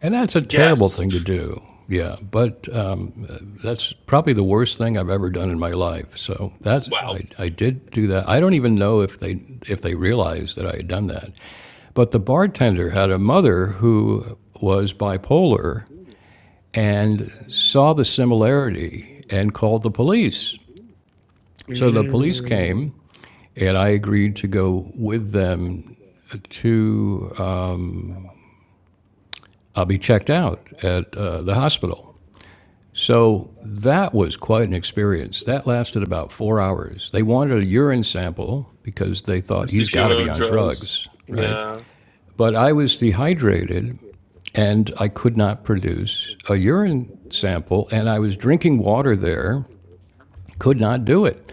Speaker 1: and that's a terrible
Speaker 2: Yes.
Speaker 1: thing to do. Yeah, but um, that's probably the worst thing I've ever done in my life. So that's
Speaker 2: Wow.
Speaker 1: I, I did do that. I don't even know if they if they realized that I had done that. But the bartender had a mother who was bipolar and saw the similarity and called the police. So the police came And I agreed to go with them to, uh, I'll be checked out at uh, the hospital. So that was quite an experience. That lasted about four hours. They wanted a urine sample because they thought
Speaker 2: As
Speaker 1: he's
Speaker 2: if you
Speaker 1: got to
Speaker 2: were
Speaker 1: be
Speaker 2: on
Speaker 1: on
Speaker 2: drugs.
Speaker 1: drugs, right?
Speaker 2: Yeah.
Speaker 1: But I was dehydrated and I could not produce a urine sample, and I was drinking water there Could not do it.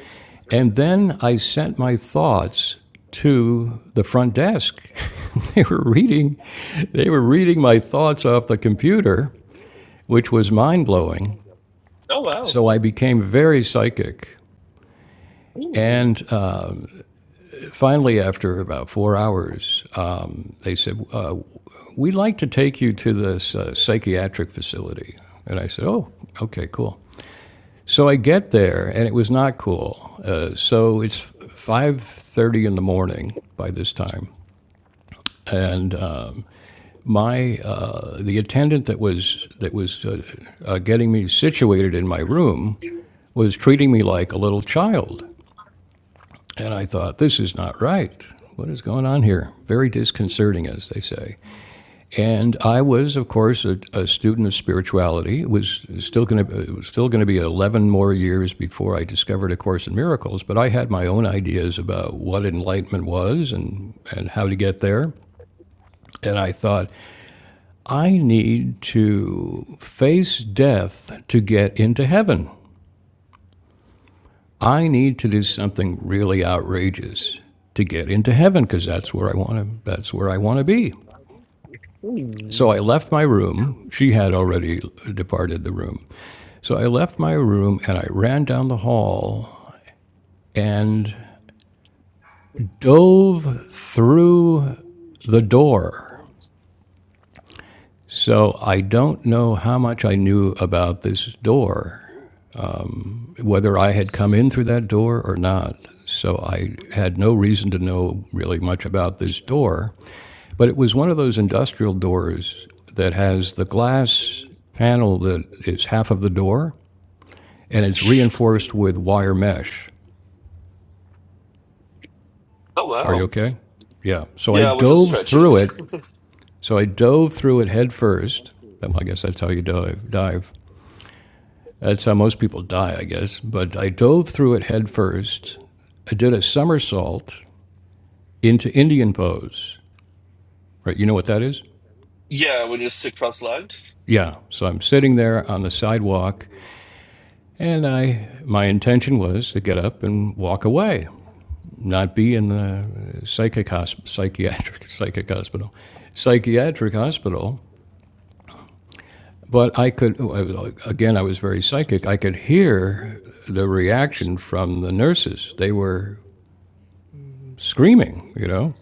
Speaker 1: And then I sent my thoughts to the front desk. they were reading they were reading my thoughts off the computer, which was mind-blowing.
Speaker 2: Oh wow.
Speaker 1: So I became very psychic.
Speaker 2: Mm.
Speaker 1: And uh, finally, after about four hours, uh, they said, uh, We'd like to take you to this uh, psychiatric facility. And I said, Oh, okay, cool. So I get there, and it was not cool. Uh, so it's five thirty in the morning by this time, and um, my uh, the attendant that was that was uh, uh, getting me situated in my room was treating me like a little child, and I thought this is not right. What is going on here? Very disconcerting, as they say. And I was, of course, a, a student of spirituality. It was still going to it was still going to be eleven more years before I discovered A Course in Miracles. But I had my own ideas about what enlightenment was and and how to get there. And I thought I need to face death to get into heaven. I need to do something really outrageous to get into heaven because that's where I want to that's where I want to be. So I left my room. She had already departed the room. So I left my room and I ran down the hall and dove through the door. So I don't know how much I knew about this door, whether I had come in through that door or not. So I had no reason to know really much about this door, but it was one of those industrial doors that has the glass panel that is half of the door and it's reinforced with wire mesh.
Speaker 2: Oh
Speaker 1: Are you
Speaker 2: wow.
Speaker 1: okay? Yeah. So I
Speaker 2: Yeah, we're just
Speaker 1: dove
Speaker 2: stretching.
Speaker 1: through it. So I dove through it head first. Um, I guess that's how you dive. Dive. That's how most people die, I guess. But I dove through it head first. I did a somersault into Indian pose. Right? You know what that is?
Speaker 2: Yeah, when you're sick cross legged.
Speaker 1: Yeah. So I'm sitting there on the sidewalk, and I my intention was to get up and walk away. not be in the uh, psychic hosp- psychiatric psychic hospital, psychiatric hospital. But I could again, I was very psychic. I could hear the reaction from the nurses. They were screaming, you know.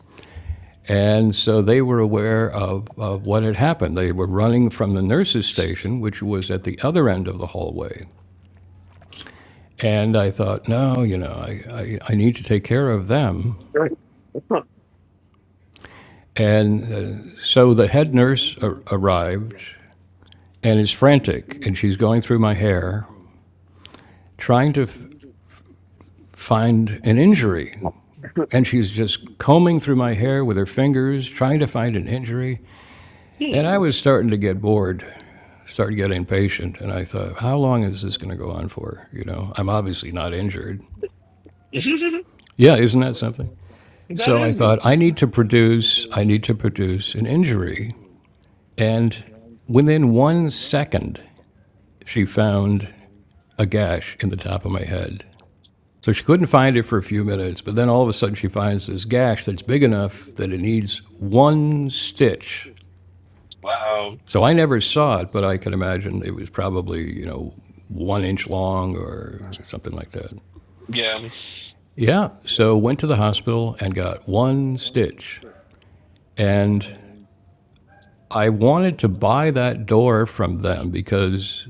Speaker 1: And so they were aware of, of what had happened. They were running from the nurses' station, which was at the other end of the hallway. And I thought, no, you know, I, I, I need to take care of them. And uh, so the head nurse a- arrived and is frantic, and she's going through my hair trying to f- find an injury. And she's just combing through my hair with her fingers, trying to find an injury. And I was starting to get bored, started getting impatient. And I thought, how long is this going to go on for? You know, I'm obviously not injured.
Speaker 2: that
Speaker 1: Yeah, isn't that something? So I
Speaker 2: is
Speaker 1: thought, I
Speaker 2: interesting.
Speaker 1: need to produce, I need to produce an injury. And within one second, she found a gash in the top of my head. So she couldn't find it for a few minutes, but then all of a sudden she finds this gash that's big enough that it needs one stitch.
Speaker 2: Wow.
Speaker 1: So I never saw it, but I can imagine it was probably, you know, one inch long or something like that.
Speaker 2: Yeah.
Speaker 1: Yeah, so went to the hospital and got one stitch. And I wanted to buy that door from them because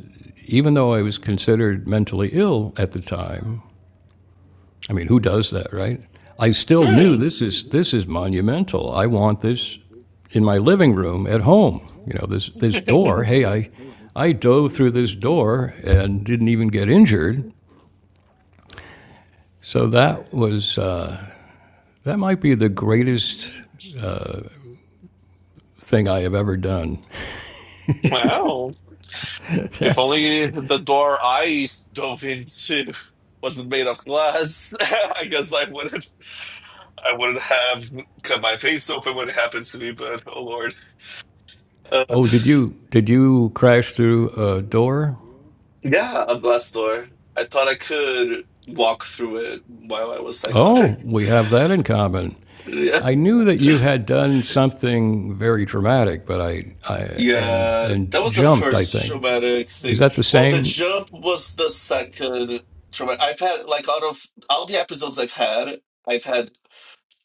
Speaker 1: even though I was considered mentally ill at the time, I mean, who does that, right? I still knew
Speaker 2: Right.
Speaker 1: this is this is monumental. I want this in my living room at home. You know, this this door. Hey, I I dove through this door and didn't even get injured. So that was uh, that might be the greatest thing I have ever done.
Speaker 2: wow. If only the door I dove into wasn't made of glass, I guess I wouldn't. I wouldn't have cut my face open when it happened to me. But oh lord, uh,
Speaker 1: Oh, did you did you crash through a door?
Speaker 2: yeah, a glass door. I thought I could walk through it while I was psychotic.
Speaker 1: Oh, we have that in common.
Speaker 2: Yeah.
Speaker 1: I knew that you had done something very dramatic, but I, I and
Speaker 2: Yeah,
Speaker 1: and
Speaker 2: that was the
Speaker 1: jumped, I
Speaker 2: first
Speaker 1: think,
Speaker 2: traumatic
Speaker 1: Is
Speaker 2: thing.
Speaker 1: that the
Speaker 2: Well, the
Speaker 1: same?
Speaker 2: jump was the second traumatic. I've had like out of all the episodes I've had, I've had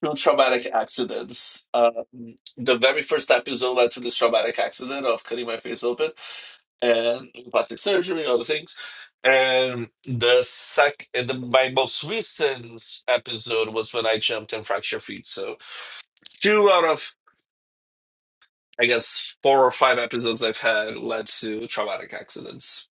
Speaker 2: two traumatic accidents. Um, the very first episode led to this traumatic accident of cutting my face open and plastic surgery and other things. And the sec, and the, my most recent episode was when I jumped and fractured feet. So two out of I guess four or five episodes I've had led to traumatic accidents.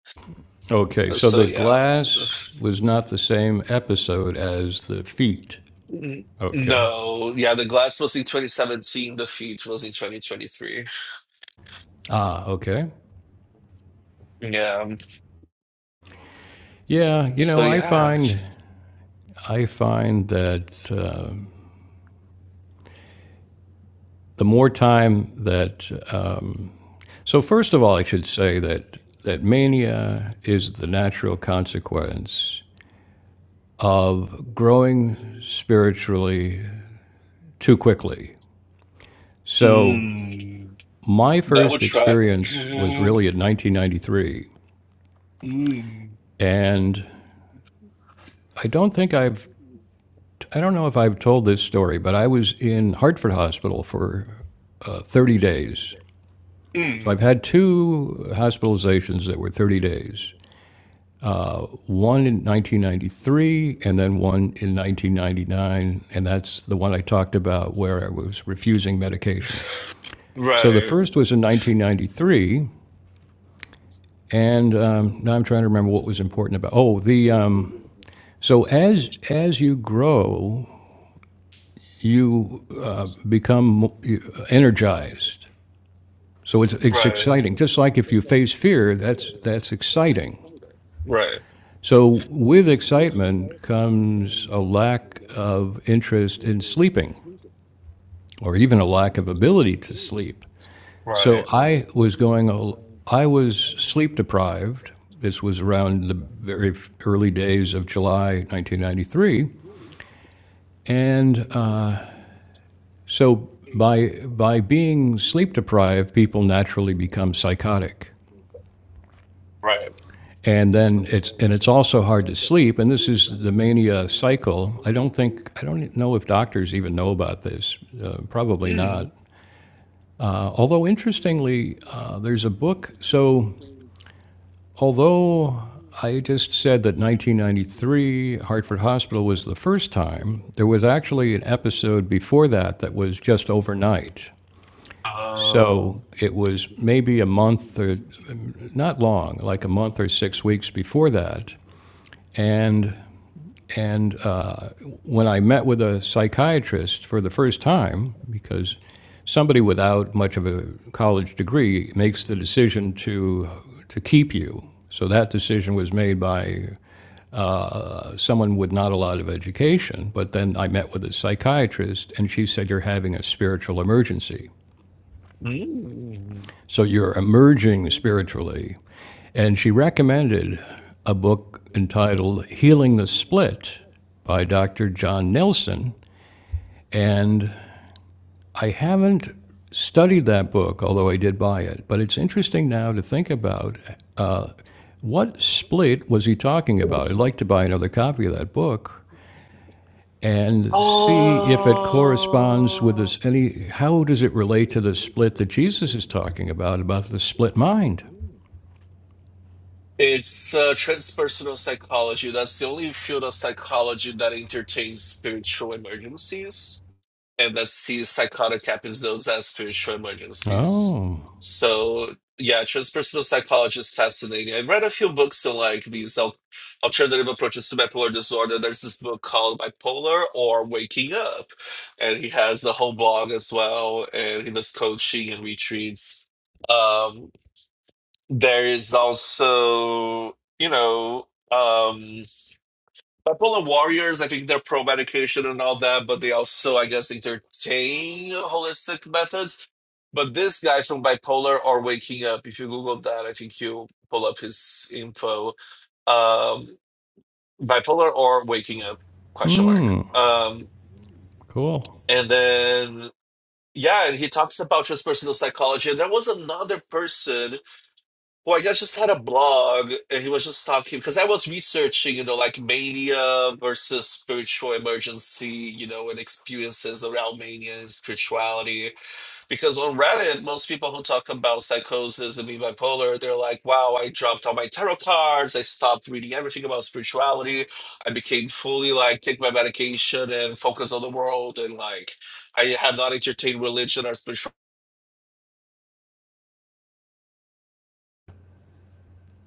Speaker 1: Okay,
Speaker 2: Uh,
Speaker 1: so
Speaker 2: So
Speaker 1: the
Speaker 2: yeah,
Speaker 1: glass was not the same episode as the feet.
Speaker 2: N-
Speaker 1: Okay.
Speaker 2: no, yeah, the glass was in 2017. The feet was in 2023.
Speaker 1: Ah, okay.
Speaker 2: Yeah.
Speaker 1: Yeah, you
Speaker 2: So
Speaker 1: know, I
Speaker 2: yeah.
Speaker 1: find I find that uh, the more time that um, so first of all, I should say that that mania is the natural consequence of growing spiritually too quickly. So
Speaker 2: Mm,
Speaker 1: my
Speaker 2: that would
Speaker 1: first
Speaker 2: track.
Speaker 1: experience was
Speaker 2: Mm,
Speaker 1: really in 1993,
Speaker 2: mm.
Speaker 1: and I don't think I've, I don't know if I've told this story, but I was in Hartford Hospital for uh, 30 days. So
Speaker 2: Mm.
Speaker 1: I've had two hospitalizations that were 30 days one in 1993 and then one in 1999. And that's the one I talked about where I was refusing medication. So the
Speaker 2: Right,
Speaker 1: first was in 1993. And um, now I'm trying to remember what was important about. Oh, the um, so as as you grow, you uh, become energized. So it's, it's
Speaker 2: right,
Speaker 1: exciting. Just like if you face fear, that's, that's exciting.
Speaker 2: right,
Speaker 1: So with excitement comes a lack of interest in sleeping, or even a lack of ability to sleep.
Speaker 2: right,
Speaker 1: So I was going, I was sleep deprived. This was around the very early days of July 1993. And So by by being sleep deprived, people naturally become psychotic.
Speaker 2: right.
Speaker 1: And then it's and it's also hard to sleep, and this is the mania cycle. I don't think I don't know if doctors even know about this. Uh, probably not.
Speaker 2: Mm.
Speaker 1: Uh, although interestingly, uh, there's a book. So although I just said that 1993 Hartford Hospital was the first time, there was actually an episode before that that was just overnight. So
Speaker 2: Um,
Speaker 1: it was maybe a month or not long, like a month or six weeks before that. And and uh, when I met with a psychiatrist for the first time, because somebody without much of a college degree makes the decision to to keep you. So that decision was made by uh, someone with not a lot of education. But then I met with a psychiatrist, and she said, "You're having a spiritual emergency." So you're emerging spiritually. And she recommended a book entitled Healing the Split by Dr. John Nelson. And I haven't studied that book, although I did buy it. But it's interesting now to think about uh, what split was he talking about? I'd like to buy another copy of that book and see if it corresponds with this any how does it relate to the split that Jesus is talking about about the split mind
Speaker 2: it's uh, transpersonal psychology. That's the only field of psychology that entertains spiritual emergencies. and that sees psychotic episodes as spiritual emergencies.
Speaker 1: oh
Speaker 2: So yeah, transpersonal psychology is fascinating. I read a few books on like these al- alternative approaches to bipolar disorder. There's this book called Bipolar or Waking Up, and he has a whole blog as well, and he does coaching and retreats. Um, there is also, you know, um, Bipolar warriors, I think they're pro medication and all that, but they also, I guess, entertain holistic methods. But this guy from bipolar or waking up, if you Google that, I think you pull up his info. Um, bipolar or waking up? Question
Speaker 1: Mm,
Speaker 2: mark. Um,
Speaker 1: cool.
Speaker 2: and then yeah, and he talks about transpersonal psychology. And there was another person who I guess just had a blog and he was just talking because I was researching, you know, like mania versus spiritual emergency, you know, and experiences around mania and spirituality. Because on Reddit, most people who talk about psychosis and being bipolar, they're like, wow, I dropped all my tarot cards, I stopped reading everything about spirituality, I became fully like take my medication and focus on the world and like I have not entertained religion or spirituality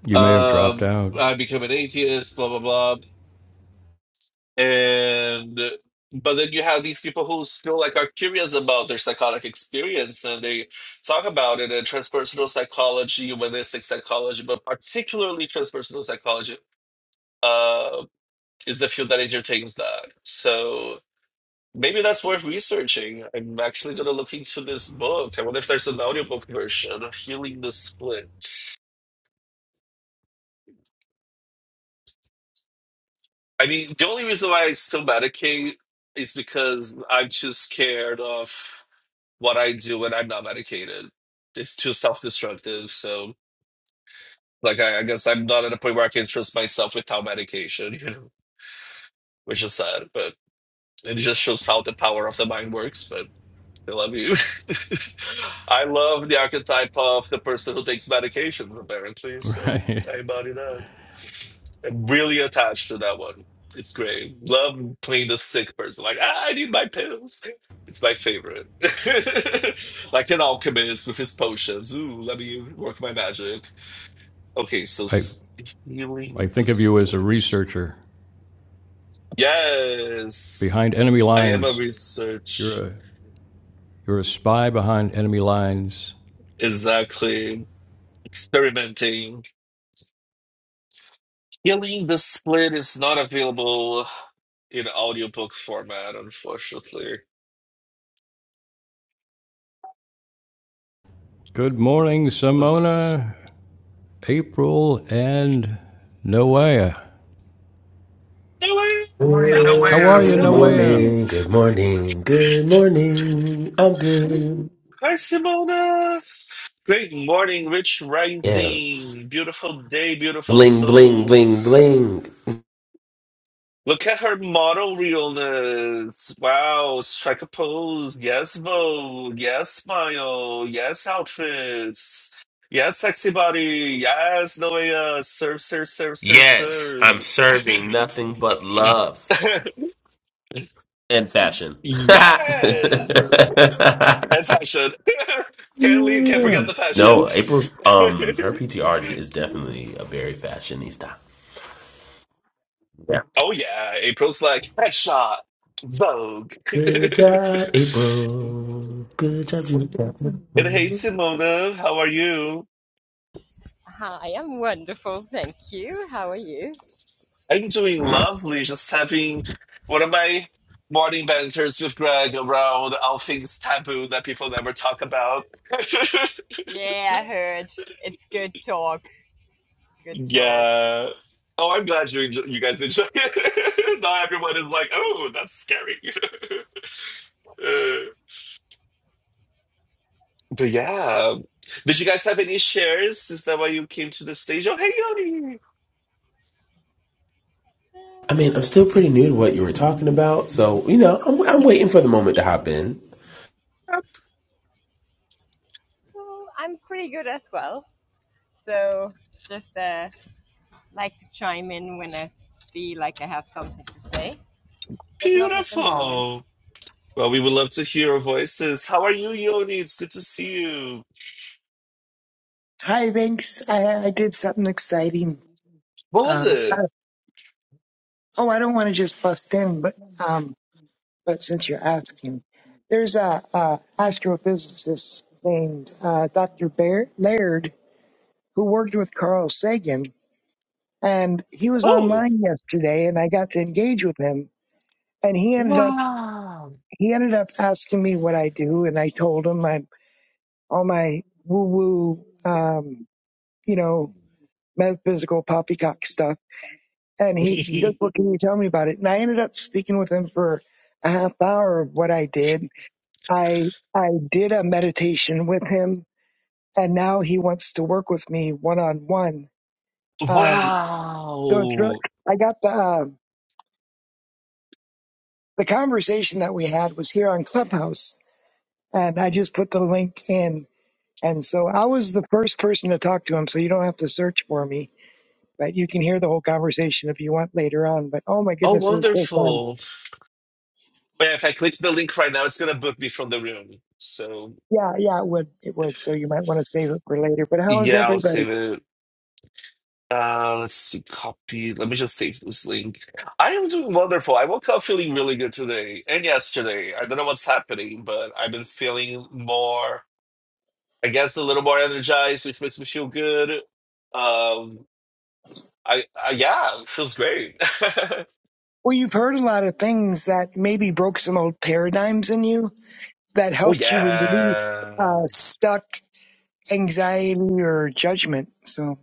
Speaker 1: You may have dropped
Speaker 2: um,
Speaker 1: out.
Speaker 2: I become an atheist, blah blah blah. and but then you have these people who still like are curious about their psychotic experience and they talk about it in transpersonal psychology humanistic psychology but particularly transpersonal psychology uh, is the field that entertains that so maybe that's worth researching i'm actually going to look into this book i wonder if there's an audiobook version healing the split i mean the only reason why i still medicate is because i'm too scared of what I do when I'm not medicated. It's too self-destructive. So, like, I, I guess I'm not at a point where I can trust myself without medication, you know, which is sad, but it just shows how the power of the mind works. But I love you. I love the archetype of the person who takes medication, apparently. So
Speaker 1: Right.
Speaker 2: I embody that. Really attached to that one. It's great. Love playing the sick person. Like, ah, I need my pills. It's my favorite. like an alchemist with his potions. Ooh, let me work my magic. Okay, so
Speaker 1: I
Speaker 2: s-
Speaker 1: I
Speaker 2: healing the
Speaker 1: think of you as a
Speaker 2: splits.
Speaker 1: researcher
Speaker 2: Yes.
Speaker 1: behind enemy
Speaker 2: I am a
Speaker 1: lines. You're
Speaker 2: research.
Speaker 1: a you're a spy behind enemy lines.
Speaker 2: Exactly. Experimenting. Healing the split is not available in audiobook format, unfortunately.
Speaker 1: Good morning,
Speaker 2: Let's
Speaker 1: Simona, April, and Noea.
Speaker 2: Hello,
Speaker 3: Good
Speaker 1: How are you,
Speaker 2: hello,
Speaker 1: Noea?
Speaker 2: lovely.
Speaker 3: morning, good morning, good morning. I'm good.
Speaker 2: Hi, Simona. Great morning, rich rising.
Speaker 3: Yes.
Speaker 2: Beautiful day, beautiful
Speaker 3: Bling, bling, bling,
Speaker 2: souls.
Speaker 3: bling.
Speaker 2: Look at her model realness. Wow, strike a pose. Yes, vogue. Yes, smile. Yes, outfits. Yes, sexy body. Yes, Noea. Serve, serve, serve, serve,
Speaker 3: Yes, I'm
Speaker 2: serve.
Speaker 3: serving nothing but love and fashion.
Speaker 2: yes. And fashion. can't leave, can't
Speaker 3: Yeah.
Speaker 2: forget the fashion.
Speaker 3: no, April's um her PTR is definitely a very fashionista. Yeah.
Speaker 2: Oh yeah, April's like headshot, Vogue.
Speaker 3: Good job, April. Good job,
Speaker 2: and hey,
Speaker 3: you.
Speaker 2: Simona, how are you?
Speaker 4: Hi, I'm wonderful, thank you. How are you?
Speaker 2: I'm doing lovely. Just having one of my morning banters with Greg around all things taboo that people never talk about.
Speaker 4: Yeah, I heard. It's good talk. Good talk.
Speaker 2: yeah. Oh, I'm glad you enjoy- you guys enjoy it. now everyone is like, oh, that's scary. Uh, but yeah, did you guys have any shares? Is that why you came to the stage? Oh, hey, Yoni.
Speaker 3: I
Speaker 4: Uh,
Speaker 3: mean, I'm still pretty new to what you were talking about, so you know, I'm I'm waiting for the moment to hop in.
Speaker 2: That's
Speaker 4: well, I'm pretty good as well. So, just uh, like to chime in when I feel like I have something to say, but not at the moment.
Speaker 2: beautiful. Well, we would love to hear your voices. How are you, Yoni? It's good to see you.
Speaker 5: Hi, Vinks. I, I did something exciting.
Speaker 2: What was
Speaker 5: Um,
Speaker 2: it?
Speaker 5: oh, I don't want to just bust in, but um, but since you're asking, there's a, a astrophysicist named uh, Dr. Bear, Laird who worked with Carl Sagan, and he was
Speaker 2: Oh,
Speaker 5: online yesterday, and I got to engage with him, and he ended up
Speaker 2: wow.
Speaker 5: he ended up asking me what I do, and I told him I all my woo woo, um, you know, metaphysical poppycock stuff And he, he goes, well, can you tell me about it? And I ended up speaking with him for a half hour of what I did. I, I did a meditation with him and now he wants to work with me one on one. Um, so it's really,
Speaker 2: wow.
Speaker 5: I got the, um the conversation that we had was here on Clubhouse and I just put the link in. And so I was the first person to talk to him. So you don't have to search for me, but you can hear the whole conversation if you want later on. But oh my
Speaker 2: Oh,
Speaker 5: goodness, it was so fun.
Speaker 2: wonderful. But if I click the link right now, it's going to book me from the room. So,
Speaker 5: Yeah, yeah, it would. It would. So you might want to save it for later. But how is
Speaker 2: yeah, I'll
Speaker 5: everybody?
Speaker 2: save it. Uh, let's see, copy. Let me just take this link. I am doing wonderful. I woke up feeling really good today and yesterday. I don't know what's happening, but I've been feeling more. I guess a little more energized, which makes me feel good. Um, I, I yeah, it feels great.
Speaker 5: Well, you've heard a lot of things that maybe broke some old paradigms in you that
Speaker 2: oh
Speaker 5: helped you release
Speaker 2: yeah,
Speaker 5: uh, stuck anxiety or judgment. So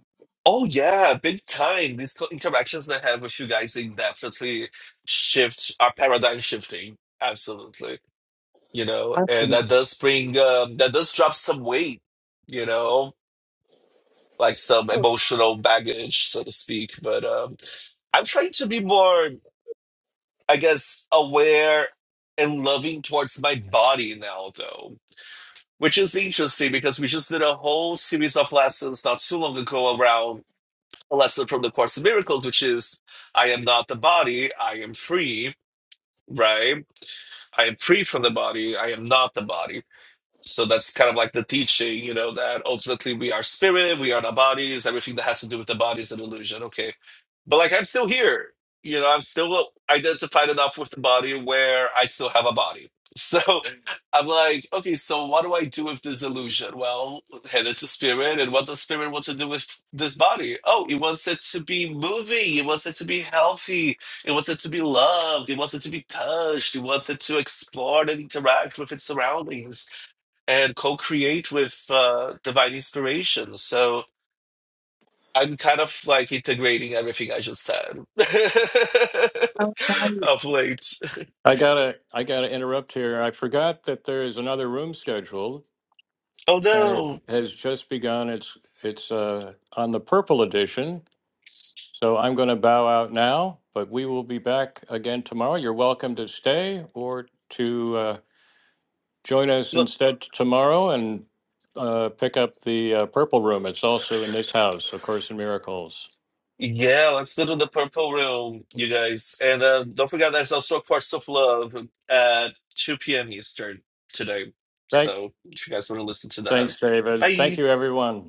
Speaker 2: oh yeah, big time. These co- interactions I have with you guys, they definitely shift our paradigm shifting. Absolutely, you know, and
Speaker 5: awesome.
Speaker 2: that does bring um, that does drop some weight, you know, like some emotional baggage, so to speak. But um, I'm trying to be more. I guess, aware and loving towards my body now, though, which is interesting because we just did a whole series of lessons not too long ago around a lesson from the Course in Miracles, which is I am not the body, I am free, right? I am free from the body, I am not the body. So that's kind of like the teaching, you know, that ultimately we are spirit, we are not bodies, everything that has to do with the body is an illusion. Okay but like I'm still here. You know, I'm still identified enough with the body where I still have a body. So I'm like, okay, so what do I do with this illusion? Well, and it's a spirit, and what does spirit want to do with this body? Oh, it wants it to be moving, it wants it to be healthy, it wants it to be loved, it wants it to be touched, it wants it to explore and interact with its surroundings and co-create with uh, divine inspiration. So I'm kind of like integrating everything I just said of late.
Speaker 1: I gotta I gotta interrupt here. I forgot that there is another room scheduled,
Speaker 2: Oh
Speaker 1: and it
Speaker 2: no.
Speaker 1: has just begun. It's it's uh, on the purple edition. So I'm going to bow out now, but we will be back again tomorrow. You're welcome to stay or to uh, join us
Speaker 2: Look,
Speaker 1: instead tomorrow and uh, pick up the uh, purple room. It's also in this house, A Course in Miracles.
Speaker 2: yeah, let's go to the purple room, you guys. And uh, don't forget there's also a Quartz of Love at 2 p.m. Eastern today.
Speaker 1: Right.
Speaker 2: So if you guys want to listen to that,
Speaker 1: thanks, David.
Speaker 2: bye.
Speaker 1: Thank you, everyone.